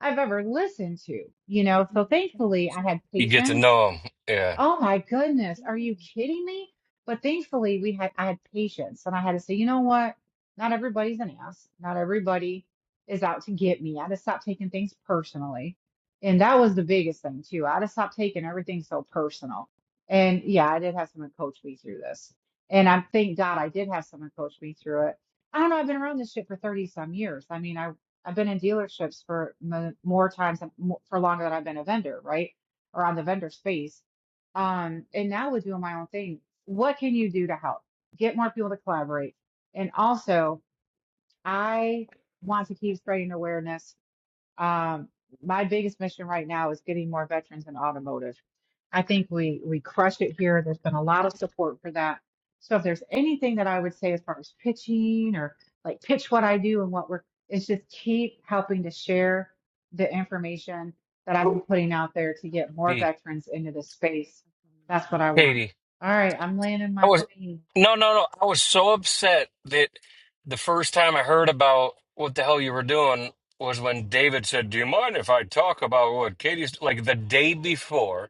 Speaker 2: I've ever listened to, you know. So thankfully, I had
Speaker 1: You get to
Speaker 2: patience
Speaker 1: know him. Yeah.
Speaker 2: Oh my goodness. Are you kidding me? But thankfully we had I had patience and I had to say, you know what? Not everybody's an ass. Not everybody is out to get me. I had to stop taking things personally. And that was the biggest thing too. I had to stop taking everything so personal. And yeah, I did have someone coach me through this. And I thank God I did have someone coach me through it. I don't know, I've been around this shit for 30 some years. I mean, I I've been in dealerships for mo- more times than- mo- for longer than I've been a vendor, right? Or on the vendor space um, and now with doing my own thing, what can you do to help? Get more people to collaborate. And also, I want to keep spreading awareness um, my biggest mission right now is getting more veterans in automotive. I think we we crush it here. There's been a lot of support for that. So if there's anything that I would say as far as pitching or like pitch what I do and what we're, it's just keep helping to share the information that I've been putting out there to get more
Speaker 1: Katie.
Speaker 2: veterans into this space. That's what I want.
Speaker 1: Katie.
Speaker 2: All right, I'm landing
Speaker 1: I
Speaker 2: my
Speaker 1: was
Speaker 2: plane
Speaker 1: no, no, no. I was so upset that the first time I heard about what the hell you were doing was when David said, Do you mind if I talk about what Katie's like the day before?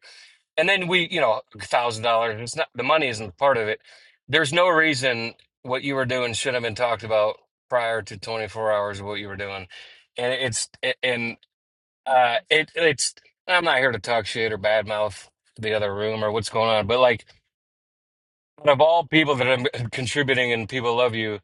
Speaker 1: And then we, you know, a thousand dollars, it's not the money isn't part of it. There's no reason what you were doing should have been talked about prior to 24 hours of what you were doing. And it's and Uh, it it's I'm not here to talk shit or badmouth the other room or what's going on, but like out of all people that are contributing and people love you,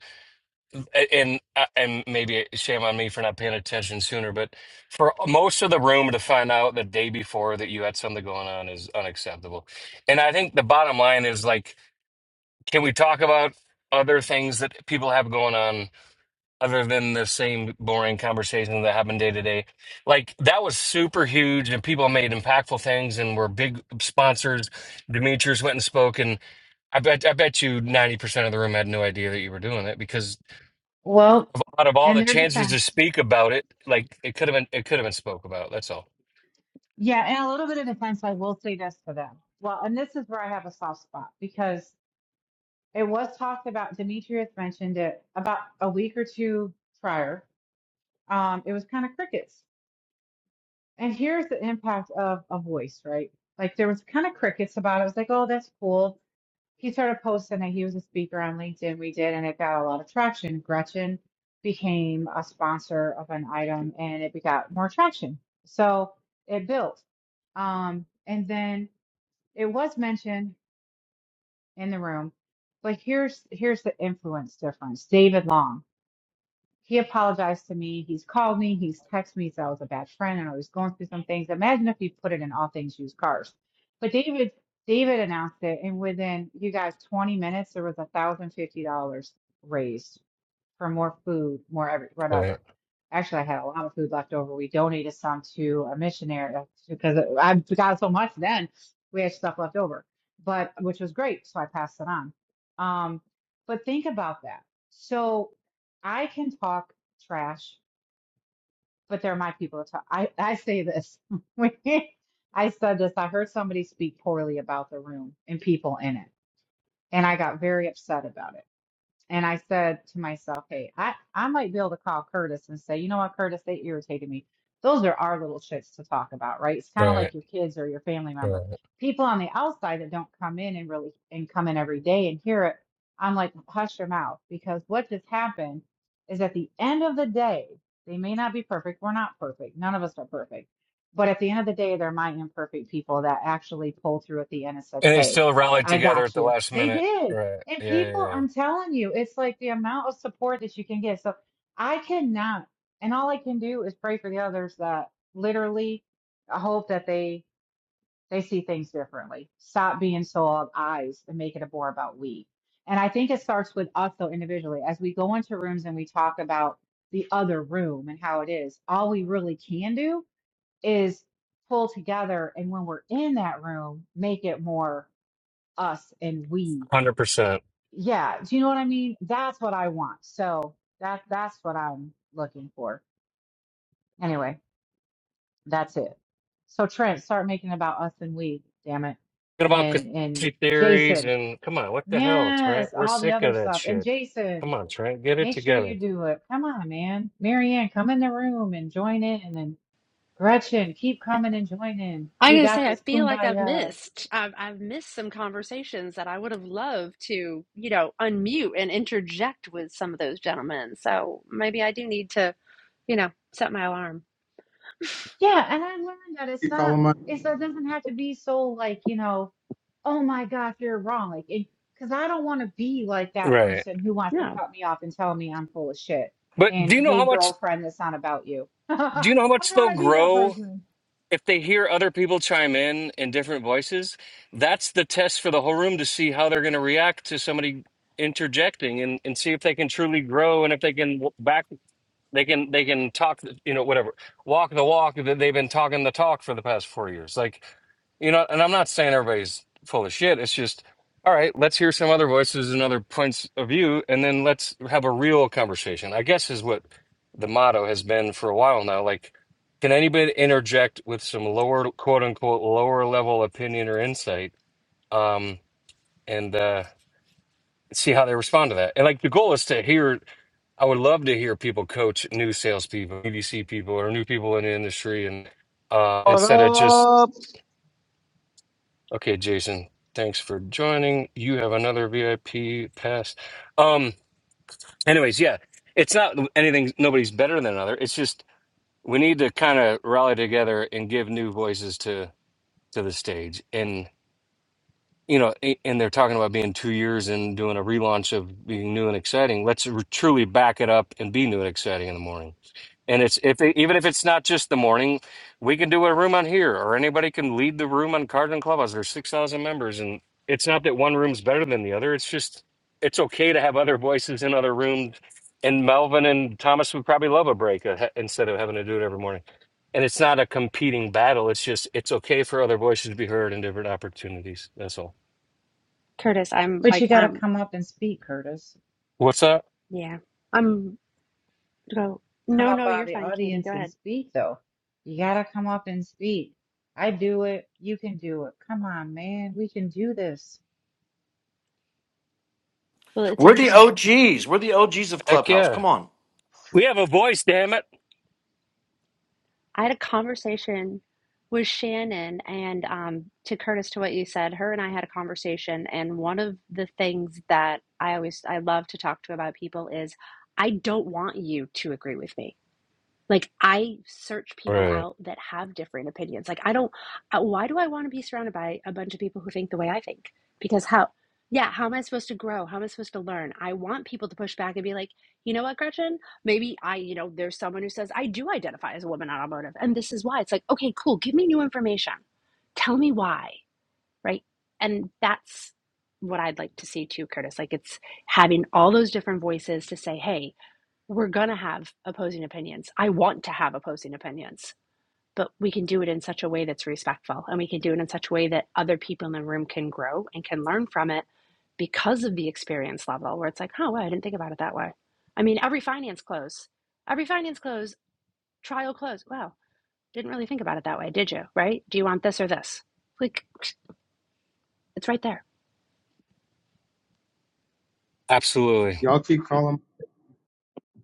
Speaker 1: a- and uh, and maybe shame on me for not paying attention sooner, but for most of the room to find out the day before that you had something going on is unacceptable. And I think the bottom line is like, can we talk about other things that people have going on? other than the same boring conversations that happen day to day. Like that was super huge, and people made impactful things and were big sponsors. Demetrius went and spoke, and I bet I bet you ninety percent of the room had no idea that you were doing it because
Speaker 2: Well,
Speaker 1: out of all
Speaker 2: and
Speaker 1: the
Speaker 2: their
Speaker 1: chances to
Speaker 2: defense.
Speaker 1: speak about it, like it could have been it could have been spoke about. That's all.
Speaker 2: Yeah, and a little bit of defense, I will say this for them. Well, and this is where I have a soft spot because it was talked about, Demetrius mentioned it about a week or two prior. Um, it was kind of crickets. And here's the impact of a voice, right? Like there was kind of crickets about it. It was like, oh, that's cool. He started posting that he was a speaker on LinkedIn. We did, and it got a lot of traction. Gretchen became a sponsor of an item and it got more traction. So it built. Um, and then it was mentioned in the room, but here's here's the influence difference. David Long, he apologized to me. He's called me. He's texted me. So I was a bad friend, and I was going through some things. Imagine if he put it in all things used cars. But David David announced it, and within you guys 20 minutes, there was a thousand fifty dollars raised for more food, more every,
Speaker 1: Right,
Speaker 2: whatever. Actually, I had a lot of food left over. We donated some to a missionary uh, because I got so much then we had stuff left over, but which was great. So I passed it on. Um, but think about that. So I can talk trash, but they're my people to talk. I, I say this. when I said this. I heard somebody speak poorly about the room and people in it, and I got very upset about it. And I said to myself, hey, I, I might be able to call Curtis and say, you know what, Curtis, they irritated me. Those are our little shits to talk about, right? It's kind of
Speaker 1: right,
Speaker 2: like your kids or your family
Speaker 1: right.
Speaker 2: member. People on the outside that don't come in and really and come in every day and hear it, I'm like, hush your mouth. Because what just happened is at the end of the day, they may not be perfect. We're not perfect. None of us are perfect. But at the end of the day, they're my imperfect people that actually pull through at the end and said,
Speaker 1: And they
Speaker 2: hey,
Speaker 1: still rallied
Speaker 2: I
Speaker 1: together at
Speaker 2: got
Speaker 1: the
Speaker 2: you.
Speaker 1: last
Speaker 2: They
Speaker 1: minute.
Speaker 2: did
Speaker 1: Right.
Speaker 2: and
Speaker 1: Yeah, yeah,
Speaker 2: people,
Speaker 1: yeah.
Speaker 2: I'm telling you, it's like the amount of support that you can get. So I cannot, and all I can do is pray for the others that literally I hope that they they see things differently. Stop being so of eyes and make it a more about we. And I think it starts with us though individually. As we go into rooms and we talk about the other room and how it is, all we really can do is pull together and when we're in that room, make it more us and we
Speaker 1: Hundred percent.
Speaker 2: yeah, do you know what I mean? That's what I want. So that that's what I'm looking for. Anyway, that's it. So Trent, start making about us and we, damn it.
Speaker 1: about
Speaker 2: And and
Speaker 1: conspiracy theories
Speaker 2: Jason,
Speaker 1: and come on, what the hell, Trent?
Speaker 2: yes,
Speaker 1: We're
Speaker 2: all the
Speaker 1: sick of
Speaker 2: other
Speaker 1: that
Speaker 2: stuff. And
Speaker 1: shit.
Speaker 2: Jason,
Speaker 1: Come on, Trent, get it
Speaker 2: make sure
Speaker 1: together.
Speaker 2: you do it. Come on, man. Marianne, come in the room and join in. And then Gretchen, keep coming and join in.
Speaker 9: I'm
Speaker 2: We
Speaker 9: gonna
Speaker 2: got
Speaker 9: say I
Speaker 2: this.
Speaker 9: feel like I've
Speaker 2: Kumbaya.
Speaker 9: missed. I've I've missed some conversations that I would have loved to, you know, unmute and interject with some of those gentlemen. So maybe I do need to, you know, set my alarm.
Speaker 2: Yeah, and I learned that it's
Speaker 12: Keep
Speaker 2: not
Speaker 12: calling my
Speaker 2: it's it doesn't have to be so like, you know, oh my gosh, you're wrong. Like it, because I don't want to be like that
Speaker 1: Right.
Speaker 2: person who wants to
Speaker 9: No,
Speaker 2: cut me off and tell me I'm full of shit.
Speaker 1: But
Speaker 2: And
Speaker 1: do you know how
Speaker 2: hey
Speaker 1: much
Speaker 2: girlfriend, that's not about you. I
Speaker 1: do you know how
Speaker 2: don't
Speaker 1: much
Speaker 2: want
Speaker 1: they'll
Speaker 2: to be that
Speaker 1: grow
Speaker 2: person.
Speaker 1: if they hear other people chime in in different voices, that's the test for the whole room to see how they're going to react to somebody interjecting and, and see if they can truly grow and if they can w- back they can they can talk you know whatever walk the walk that they've been talking the talk for the past four years like you know and i'm not saying everybody's full of shit it's just all right let's hear some other voices and other points of view and then let's have a real conversation i guess is what the motto has been for a while now like can anybody interject with some lower, quote unquote, lower level opinion or insight, um, and uh, see how they respond to that? And like the goal is to hear. I would love to hear people coach new salespeople, BDC people, or new people in the industry, and uh,
Speaker 10: what
Speaker 1: instead of just
Speaker 10: up?
Speaker 1: okay, Jason, thanks for joining. You have another VIP pass. Um, anyways, yeah, it's not anything. Nobody's better than another. It's just we need to kind of rally together and give new voices to. to the stage. And you know, a- and they're talking about being two years and doing a relaunch of being new and exciting. Let's re- truly back it up and be new and exciting in the morning. And it's if it, even if it's not just the morning, we can do a room on here, or anybody can lead the room on Cardinal Clubhouse. There's six thousand members, and it's not that one room's better than the other. It's just it's okay to have other voices in other rooms. And Melvin and Thomas would probably love a break uh, instead of having to do it every morning. And it's not a competing battle. It's just it's okay for other voices to be heard in different opportunities. That's all.
Speaker 9: Curtis, I'm
Speaker 2: But you
Speaker 9: like
Speaker 2: gotta
Speaker 9: I'm
Speaker 2: come up and speak, Curtis.
Speaker 1: What's up?
Speaker 9: yeah. I'm go.
Speaker 2: Come
Speaker 9: No,
Speaker 2: up
Speaker 9: no,
Speaker 2: out of
Speaker 9: you're
Speaker 2: the
Speaker 9: fine, Katie. Go
Speaker 2: audience and
Speaker 9: ahead.
Speaker 2: speak though. You gotta come up and speak. I do it. You can do it. Come on, man. We can do this.
Speaker 9: Well, it's
Speaker 6: We're the
Speaker 9: interesting.
Speaker 6: OGs. We're the OGs of
Speaker 1: Heck
Speaker 6: Clubhouse.
Speaker 1: yeah,
Speaker 6: Come on.
Speaker 1: we have a voice. Damn it!
Speaker 9: I had a conversation with Shannon, and um, to Curtis, to what you said, her and I had a conversation, and one of the things that I always I love to talk to about people is I don't want you to agree with me like i search people
Speaker 1: Right.
Speaker 9: out that have different opinions like i don't uh, why do i want to be surrounded by a bunch of people who think the way i think because how yeah how am i supposed to grow how am i supposed to learn i want people to push back and be like you know what gretchen maybe i you know there's someone who says i do identify as a woman on automotive and this is why it's like okay cool give me new information tell me why right and that's what i'd like to see too curtis like it's having all those different voices to say hey we're going to have opposing opinions. I want to have opposing opinions, but we can do it in such a way that's respectful and we can do it in such a way that other people in the room can grow and can learn from it because of the experience level where it's like, oh, wow, I didn't think about it that way. I mean, every finance close, every finance close, trial close. Wow, didn't really think about it that way, did you? Right? Do you want this or this? Like, it's right there.
Speaker 1: Absolutely.
Speaker 12: y'all keep calling.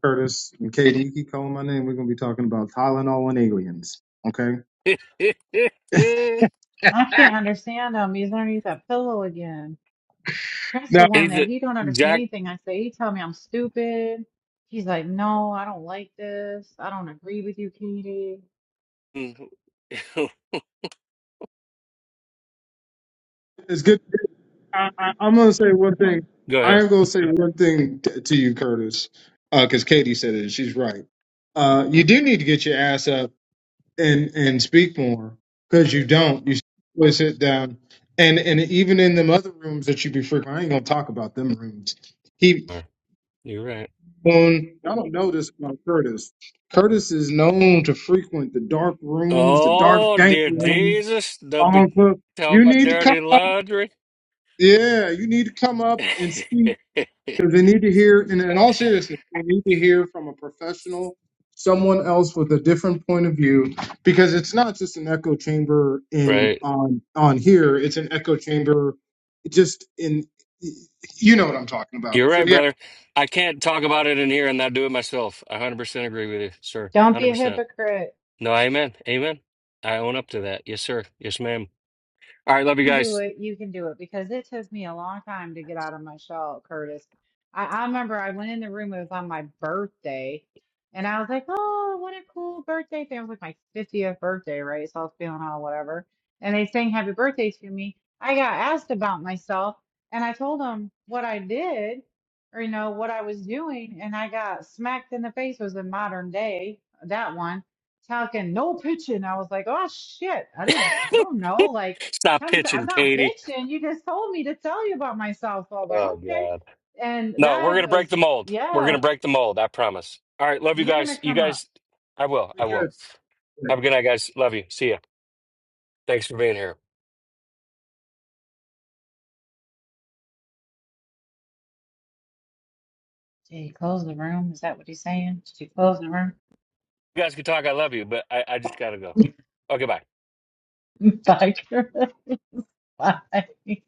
Speaker 12: Curtis and Katie, you keep calling my name. We're gonna be talking about Tylenol and aliens. Okay.
Speaker 1: Is
Speaker 2: I
Speaker 12: Ah,
Speaker 2: can't understand him. He's underneath that pillow again. Trent's
Speaker 12: Now
Speaker 2: the one that
Speaker 1: it?
Speaker 2: he don't understand
Speaker 1: Jack?
Speaker 2: anything I say. He tell me I'm stupid. He's like, no, I don't like this. I don't agree with you, Katie.
Speaker 1: Mm,
Speaker 12: it's good. I, I, I'm gonna say one thing.
Speaker 1: Go
Speaker 12: I
Speaker 1: ahead.
Speaker 12: am gonna say one thing t- to you, Curtis, because Katie said it. and She's right. Uh, you do need to get your ass up and and speak more because you don't. You simply sit down and and even in them other rooms that you be frequent. I ain't gonna talk about them rooms.
Speaker 1: Mar. You're right.
Speaker 12: Um, I don't know this about Curtis. Curtis is known to frequent the dark rooms, the dark
Speaker 1: Oh,
Speaker 12: dank
Speaker 1: dear
Speaker 12: rooms.
Speaker 1: Jesus. They'll be
Speaker 12: Uncle,
Speaker 1: talking
Speaker 12: you
Speaker 1: about
Speaker 12: need to come
Speaker 1: dirty
Speaker 12: up.
Speaker 1: laundry.
Speaker 12: Yeah, you need to come up and speak because they need to hear. And in all seriousness, they need to hear from a professional, someone else with a different point of view, because it's not just an echo chamber in
Speaker 1: right.
Speaker 12: on on here. It's an echo chamber, just in. You know what I'm talking about.
Speaker 1: You're
Speaker 12: So
Speaker 1: right,
Speaker 12: yeah,
Speaker 1: brother. I can't talk about it in here and not do it myself. I 100% agree with you, sir.
Speaker 2: Don't be a
Speaker 1: 100%.
Speaker 2: hypocrite.
Speaker 1: No, amen. Amen. I own up to that. Yes, sir. Yes, ma'am. All right. Love you
Speaker 2: can do
Speaker 1: guys.
Speaker 2: it, you can do it because it took me a long time to get out of my shell, Curtis. I, I remember I went in the room, it was on my birthday, and I was like, oh, what a cool birthday thing. It was like my 50th birthday, right? So I was feeling all whatever. And they sang happy birthday to me. I got asked about myself, and I told them what I did or, you know, what I was doing, and I got smacked in the face. It was in modern day, that one. Talking no pitching. I was like, oh shit. I didn't, I don't know. Like,
Speaker 1: Stop
Speaker 2: Tommy said, I'm
Speaker 1: pitching,
Speaker 2: not
Speaker 1: Katie.
Speaker 2: bitching. You just told me to tell you about myself. So I was like,
Speaker 1: Oh, God.
Speaker 2: okay. And
Speaker 1: No, we're
Speaker 2: that
Speaker 1: gonna break
Speaker 2: was,
Speaker 1: the mold. We're
Speaker 2: yeah,
Speaker 1: gonna break the mold. I promise. All right, love you
Speaker 2: you're going
Speaker 1: guys.
Speaker 2: to
Speaker 1: You
Speaker 2: come up.
Speaker 1: guys, I will. I
Speaker 12: pretty good.
Speaker 1: will. Have a good night, guys. Love you. See ya. Thanks for being here.
Speaker 2: Did he close the room? Is that what he's saying? Did you close the room?
Speaker 1: You guys can talk. I love you, but I, I just gotta go. Okay, bye.
Speaker 2: Like, like,